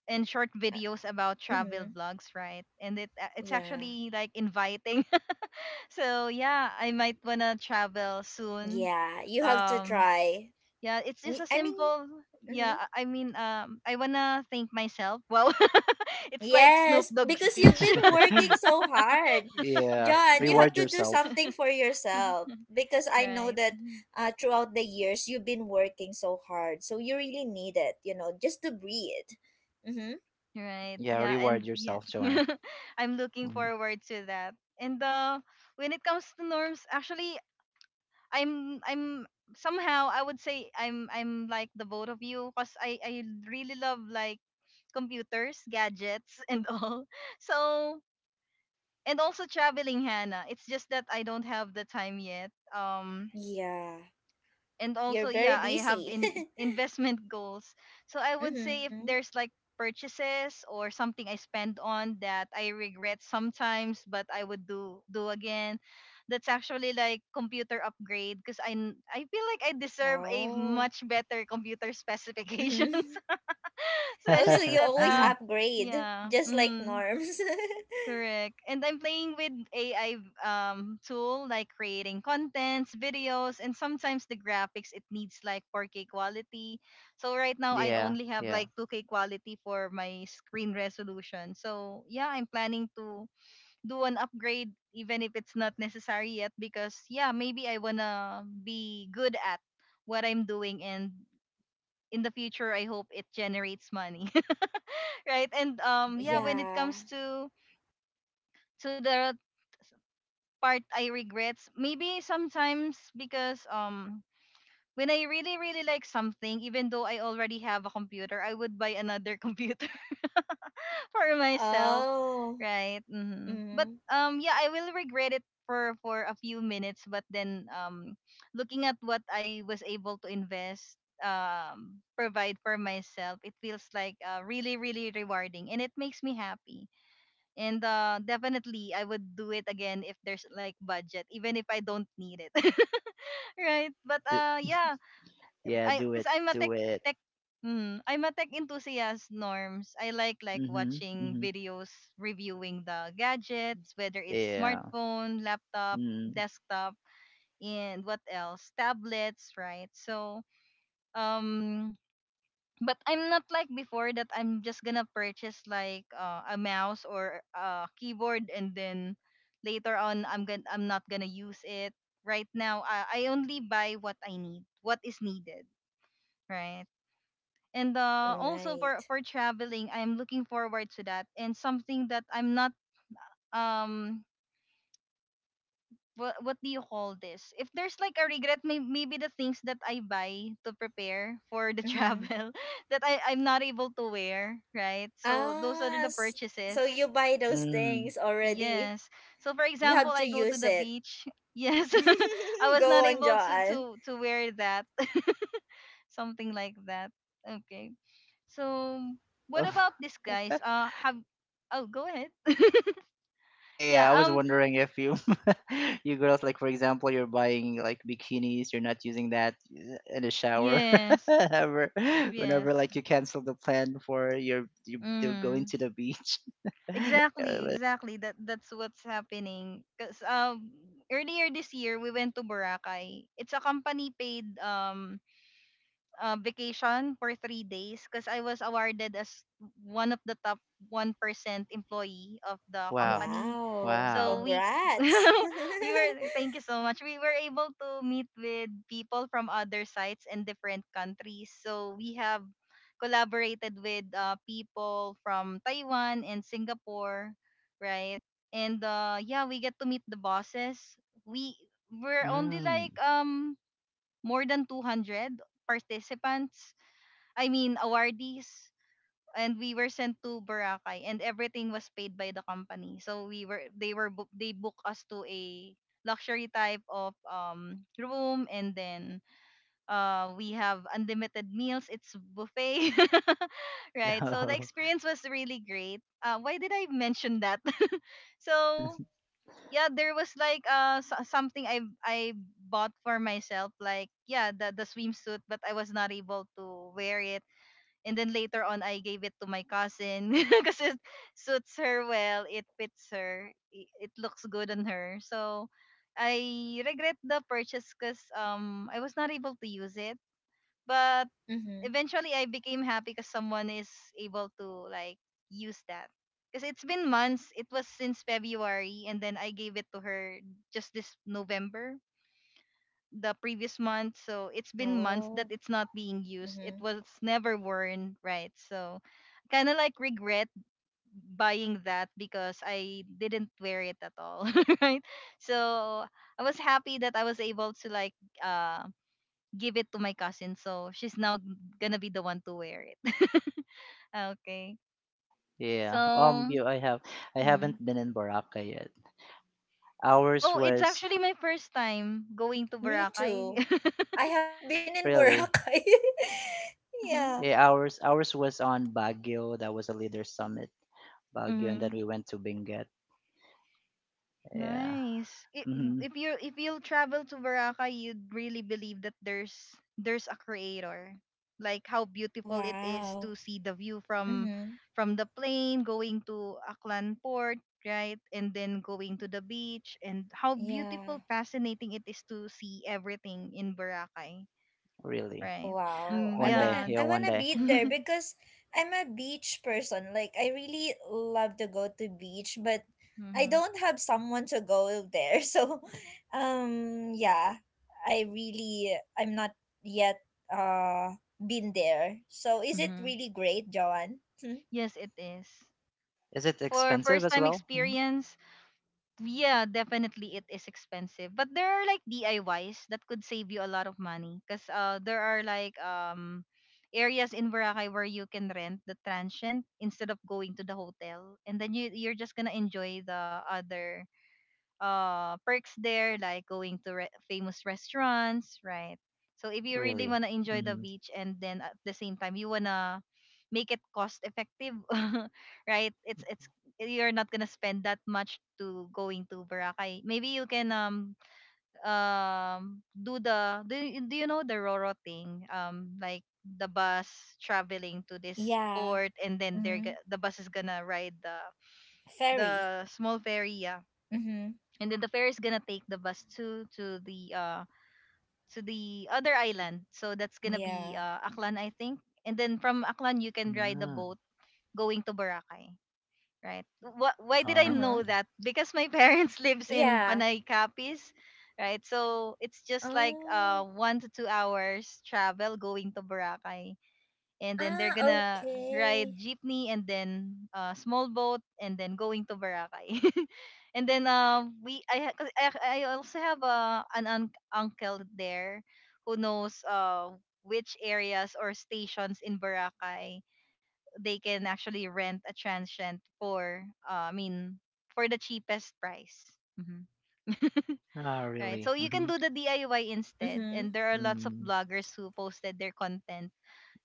and short Uh, videos about travel mm-hmm. vlogs, right? And it a- it's Yeah. actually like inviting. So yeah, I might wanna travel soon Yeah, you have to um. try. Yeah, it's just Y- a I mean, simple. Yeah, mhm. I I mean, um, I wanna thank myself. Well, it's like Snoop Yes, Dogg because you've speech. been working so hard. Yeah, John, you have reward to do yourself. something for yourself, because I know Right. that Mhm. uh, throughout the years you've been working so hard. So you really need it, you know, just to breathe. Mm-hmm. Right. Yeah, Yeah, and reward yeah. yourself, Joanne. I'm looking Mhm. forward to that. And uh when it comes to norms, actually, I'm I'm somehow I would say I'm I'm like the both of you, because I I really love like computers, gadgets and all. So and also traveling, Hannah. It's just that I don't have the time yet. Um Yeah, and also you're yeah, very I have busy. in investment goals. So I would say if Mm-hmm. there's like purchases or something I spend on that I regret sometimes but I would do do again, that's actually like computer upgrade, because I, n- I feel like I deserve a Oh. much better computer specifications. Mm-hmm. Also, Especially you that always uh upgrade, yeah, just like mhm. norms. Correct. And I'm playing with A I um tool like creating contents, videos, and sometimes the graphics it needs like four K quality. So right now I Yeah, only have yeah. like two K quality for my screen resolution. So yeah, I'm planning to do an upgrade even if it's not necessary yet, because yeah, maybe I wanna be good at what I'm doing, and in the future I hope it generates money. Right? And um yeah, when Mhm. it Yeah. comes to to the part I regret. Maybe sometimes because um when I really really like something, even though I already have a computer, I would buy another computer for myself, Oh. right? Hmm. But Mm-hmm. um yeah, I will regret it for for a few minutes, but then um looking at what I was able to invest, um provide for myself, it feels like uh, really really rewarding, and it makes me happy. And uh, definitely, I would do it again if there's like budget, even if I don't need it. Right? But Do, uh, yeah, yeah, I do because it, I'm a tech do it. tech. Mm, I'm a tech enthusiast, Norms. I like like Mm-hmm, watching mm-hmm. videos reviewing the gadgets, whether it's Yeah. smartphone, laptop, desktop, and what else, tablets, right? So um, but I'm not like before, that I'm just gonna purchase like uh, a mouse or a keyboard, and then later on I'm gonna I'm not gonna use it. Right now, I, I only buy what I need, what is needed, right? And uh, also Right. for for traveling, I'm looking forward to that, and something that I'm not um what what do you call this? If there's like a regret, may, maybe the things that I buy to prepare for the Mm-hmm. travel that I I'm not able to wear, right? So those are Ah, the s- purchases. so you buy those Mm-hmm. things already. Yes. So for You example, have to I go to use the it. beach. Yes, I was Go not on, able to to John. to wear that. Something like that. Okay. So what about this, guys? Uh have oh go ahead. Hey, Yeah, I was um wondering, if you you girls, like for example, you're buying like bikinis, you're not using that uh, in the shower yes. ever, whenever Yes. like you cancel the plan for your you you're going Mm. to the beach. Uh, Exactly, but- exactly. That that's what's happening. Cause um earlier this year we went to Boracay. It's a company paid um uh, vacation for three days, because I was awarded as one of the top one percent employee of the Wow. company. Wow. So Wow. we Congrats. we were thank you so much. We were able to meet with people from other sites and different countries. So we have collaborated with uh, people from Taiwan and Singapore, right? And uh, yeah, we get to meet the bosses. We were only Mm. like um more than two hundred participants, I mean awardees, and we were sent to Boracay and everything was paid by the company. So we were they were book they booked us to a luxury type of um room, and then uh we have unlimited meals. It's buffet. Right, so the experience was really great. Uh why did I mention that? So yeah, there was like uh so- something i i bought for myself, like yeah, the the swimsuit, but I was not able to wear it. And then later on I gave it to my cousin because it suits her well, it fits her, i- it looks good on her. So I regret the purchase because um I was not able to use it. But Mm-hmm. eventually I became happy because someone is able to like use that. Because it's been months. It was since February, and then I gave it to her just this November, the previous month. So it's been months that Oh. it's not being used. It Mm-hmm. was never worn, right? So kind of like regret buying that because I didn't wear it at all, right? So I was happy that I was able to like uh, give it to my cousin. So she's now gonna be the one to wear it. Okay. Oh, yeah. Um, So, you, I have I mm. haven't been in Baraka yet. Ours Oh, it's was actually my first time going to Me Boracay. too. I haven't been in really Boracay. Yeah. yeah, ours ours was on Baguio. That was a leader summit, Baguio, and then Mm-hmm. we went to Benguet. Yeah. Nice. If Mm-hmm. if you if you'll travel to Boracay, you'd really believe that there's there's a creator. Like how beautiful it is Wow. to see the view from Mm-hmm. from the plane going to Aklan Port, right? And then going to the beach, and how beautiful, Yeah. fascinating it is to see everything in Boracay, Really? right? Wow, Mm, I One day, wanna yeah. yeah, I one wanna day. be there because I'm a beach person. Like I really love to go to beach, but I Mhm. don't have someone to go there. So, um, yeah, I really I'm not yet uh been there. So is it Mhm. really great, Joanne? Hmm? Yes, it is. Is it For expensive first as time well? Mhm. experience, yeah, definitely it is expensive. But there are like D I Ys that could save you a lot of money, because uh there are like um areas in Boracay where you can rent the transient instead of going to the hotel, and then you you're just going to enjoy the other uh perks there, like going to re- famous restaurants, right? So if you really Really? want to enjoy the Mm-hmm. beach and then at the same time you want to make it cost effective, right, it's it's you're not gonna spend that much to going to Boracay. Maybe you can um um do the do you, do you know the Roro thing? Um like the bus traveling to this Yeah. port, and then they're Mm-hmm. go- the bus is gonna ride the the Ferry. small ferry, yeah. Mm-hmm. And then the fair is gonna take the bus to to the uh to the other island. So that's gonna be Yeah. uh Aklan, I think. And then from Aklan you can ride the Mm. boat going to Boracay, right? Wh- why did I Uh Oh, huh. know okay. that? Because my parents lives in Yeah. Panay, Capiz, right? So it's just like Oh. uh one to two hours travel going to Boracay. And then they're Ah. gonna Okay. ride jeepney and then uh, small boat and then going to Boracay. And then uh, we I, ha- 'cause I I also have uh, an un- uncle there who knows uh, which areas or stations in Boracay they can actually rent a transient for uh, I mean for the cheapest price. Mhm. Ah, Right. So really? you can Mm-hmm. do the D I Y instead, Mm-hmm. and there are lots of Mm. bloggers who posted their content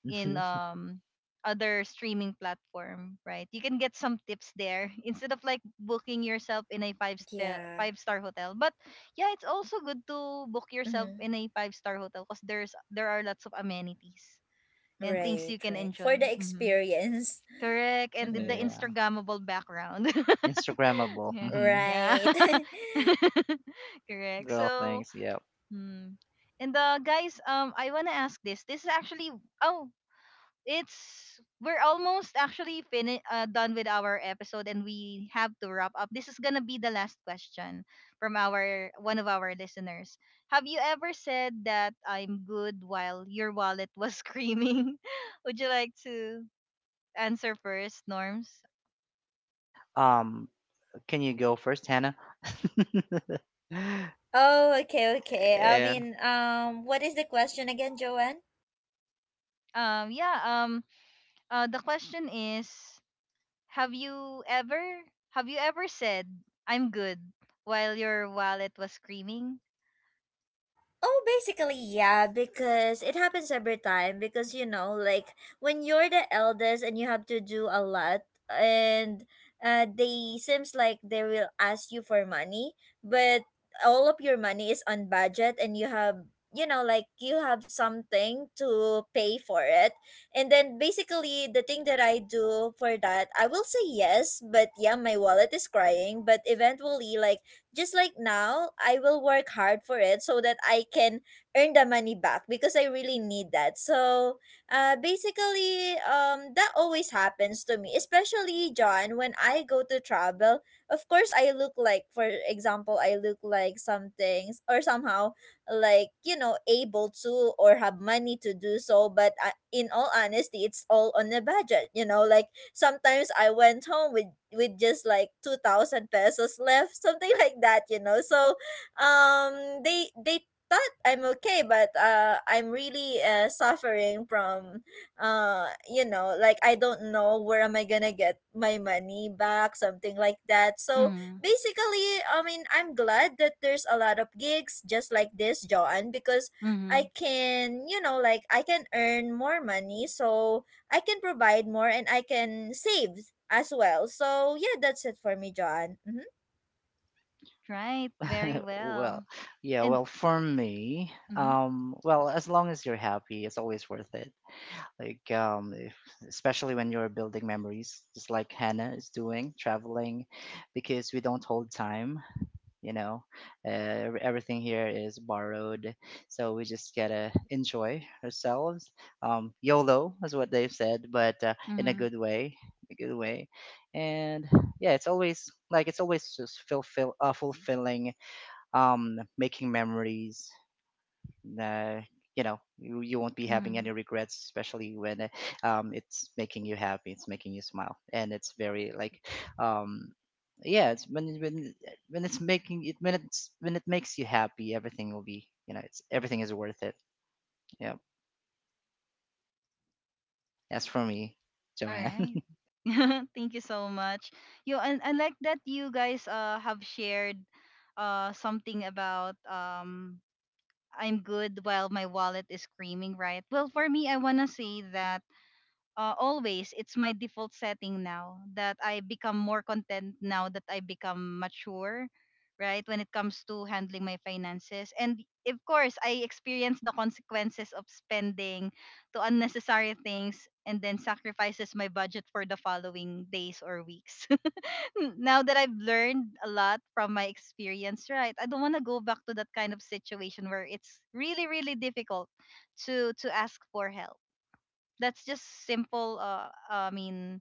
in um other streaming platform, right? You can get some tips there instead of like booking yourself in a five star Yeah. five star hotel. But yeah, it's also good to book yourself Mm-hmm. in a five star hotel because there's there are lots of amenities and things Right, you can right. For enjoy. the Hmm. experience. Correct, and the Mm-hmm. Yeah. Instagrammable background. Instagrammable. Yeah, Mm-hmm. yeah. Right. Correct. Girl So, things. Yep. hmm. And uh, guys, um, I wanna ask this. This is actually oh, it's we're almost actually fini- uh, done with our episode and we have to wrap up. This is gonna be the last question from our one of our listeners. Have you ever said that I'm good while your wallet was screaming? Would you like to answer first, Norms? Um, can you go first, Hannah? Oh, okay, okay. I Yeah. mean, um, what is the question again, Joanne? um yeah um uh, the question is, have you ever have you ever said, I'm good, while your wallet was screaming? Oh, basically, yeah, because it happens every time. Because, you know, like when you're the eldest and you have to do a lot, and uh, they seems like they will ask you for money, but all of your money is on budget, and you have, you know, like you have something to pay for it. And then basically, the thing that I do for that, I will say yes, but yeah, my wallet is crying. But eventually, like, just like now, I will work hard for it so that I can earn the money back, because I really need that. So, uh, basically, um, that always happens to me, especially John, when I go to travel. Of course, I look like, for example, I look like something or somehow like, you know, able to or have money to do so. But uh, in all honesty, it's all on a budget, you know, like sometimes I went home with with just like two thousand pesos left, something like that, you know. So, um they they thought I'm okay, but uh I'm really uh, suffering from uh you know, like I don't know where am I going to get my money back, something like that. So, Mm-hmm. basically, I mean, I'm glad that there's a lot of gigs just like this, John, because I can, you know, like I can earn more money. So I can provide more, and I can save as well. So yeah, that's it for me, John. Mm-hmm. Right, very Well, well. yeah. And Well, for me, mhm, um, well, as long as you're happy, it's always worth it. Like um if, especially when you're building memories, just like Hannah is doing, traveling, because we don't hold time you know uh, ev- Everything here is borrowed, so we just gotta enjoy ourselves. um YOLO is what they've said, but uh, in a mhm, good way, a good way. And yeah, it's always like it's always just fulfill uh, fulfilling, um making memories, uh, you know you, you won't be having mhm. any regrets, especially when uh, um, it's making you happy, it's making you smile. And it's very, like um, yeah it's when when when it's making it, when it's, when it makes you happy, everything will be, you know it's everything is worth it. Yeah, that's for me, All Joanne. right. Thank you so much. You and I like that you guys uh have shared uh something about um I'm good while my wallet is screaming, right? Well, for me, I wanna say that uh, always it's my default setting now that I become more content, now that I become mature, right, when it comes to handling my finances. And of course I experience the consequences of spending to unnecessary things and then sacrifices my budget for the following days or weeks. Now that I've learned a lot from my experience, right, I don't want to go back to that kind of situation where it's really really difficult to to ask for help. That's just simple uh i mean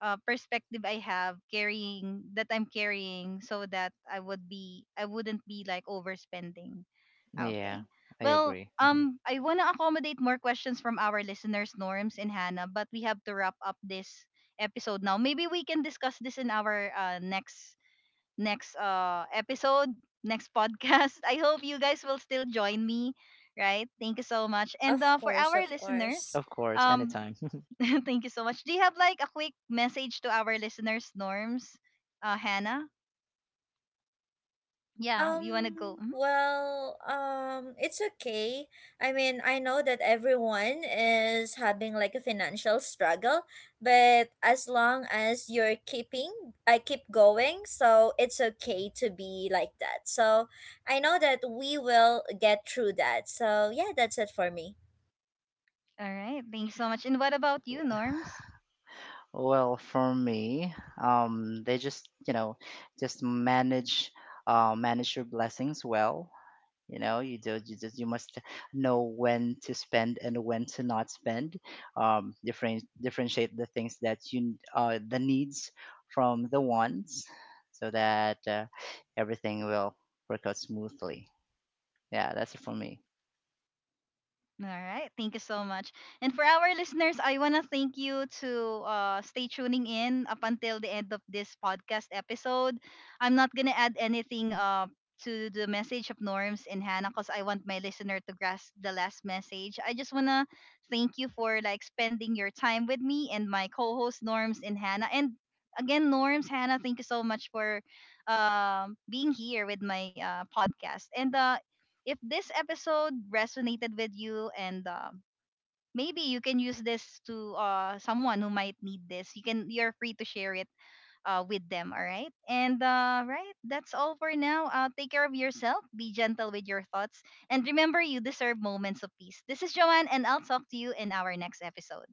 uh perspective i have carrying that I'm carrying, so that i would be I wouldn't be like overspending. Yeah, Okay. I Well, agree. Mhm. um I want to accommodate more questions from our listeners, Norms and Hannah, but we have to wrap up this episode now. Maybe we can discuss this in our uh, next next uh episode, next podcast. I hope you guys will still join me, right? Thank you so much. And Of uh, for course, our of listeners, course. Of course, um anytime. thank you so much. Do you have like a quick message to our listeners, Norms? Uh, Hannah? Yeah, you want to Um, go? Mhm. well, um, it's okay. I mean, I know that everyone is having like a financial struggle, but as long as you're keeping, I keep going, so it's okay to be like that. So I know that we will get through that. So yeah, that's it for me. All right. Thank you so much. And what about you, Norms? Well, for me, um, they just, you know, just manage, uh, manage your blessings well. You know you do you just You must know when to spend and when to not spend. Um different differentiate the things that you uh the needs from the wants, so that uh, everything will work out smoothly. Yeah, that's it for me. All right. Thank you so much. And for our listeners, I want to thank you to uh, stay tuning in up until the end of this podcast episode. I'm not going to add anything uh, to the message of Norms and Hannah, because I want my listener to grasp the last message. I just want to thank you for like spending your time with me and my co-host Norms and Hannah. And again, Norms, Hannah, thank you so much for um, being here with my uh, podcast. And uh, if this episode resonated with you, and um, maybe you can use this to uh, someone who might need this, you can you're free to share it uh, with them. All right. And uh, right that's all for now. Uh, take care of yourself, be gentle with your thoughts, and remember, you deserve moments of peace. This is Joanne, and I'll talk to you in our next episode.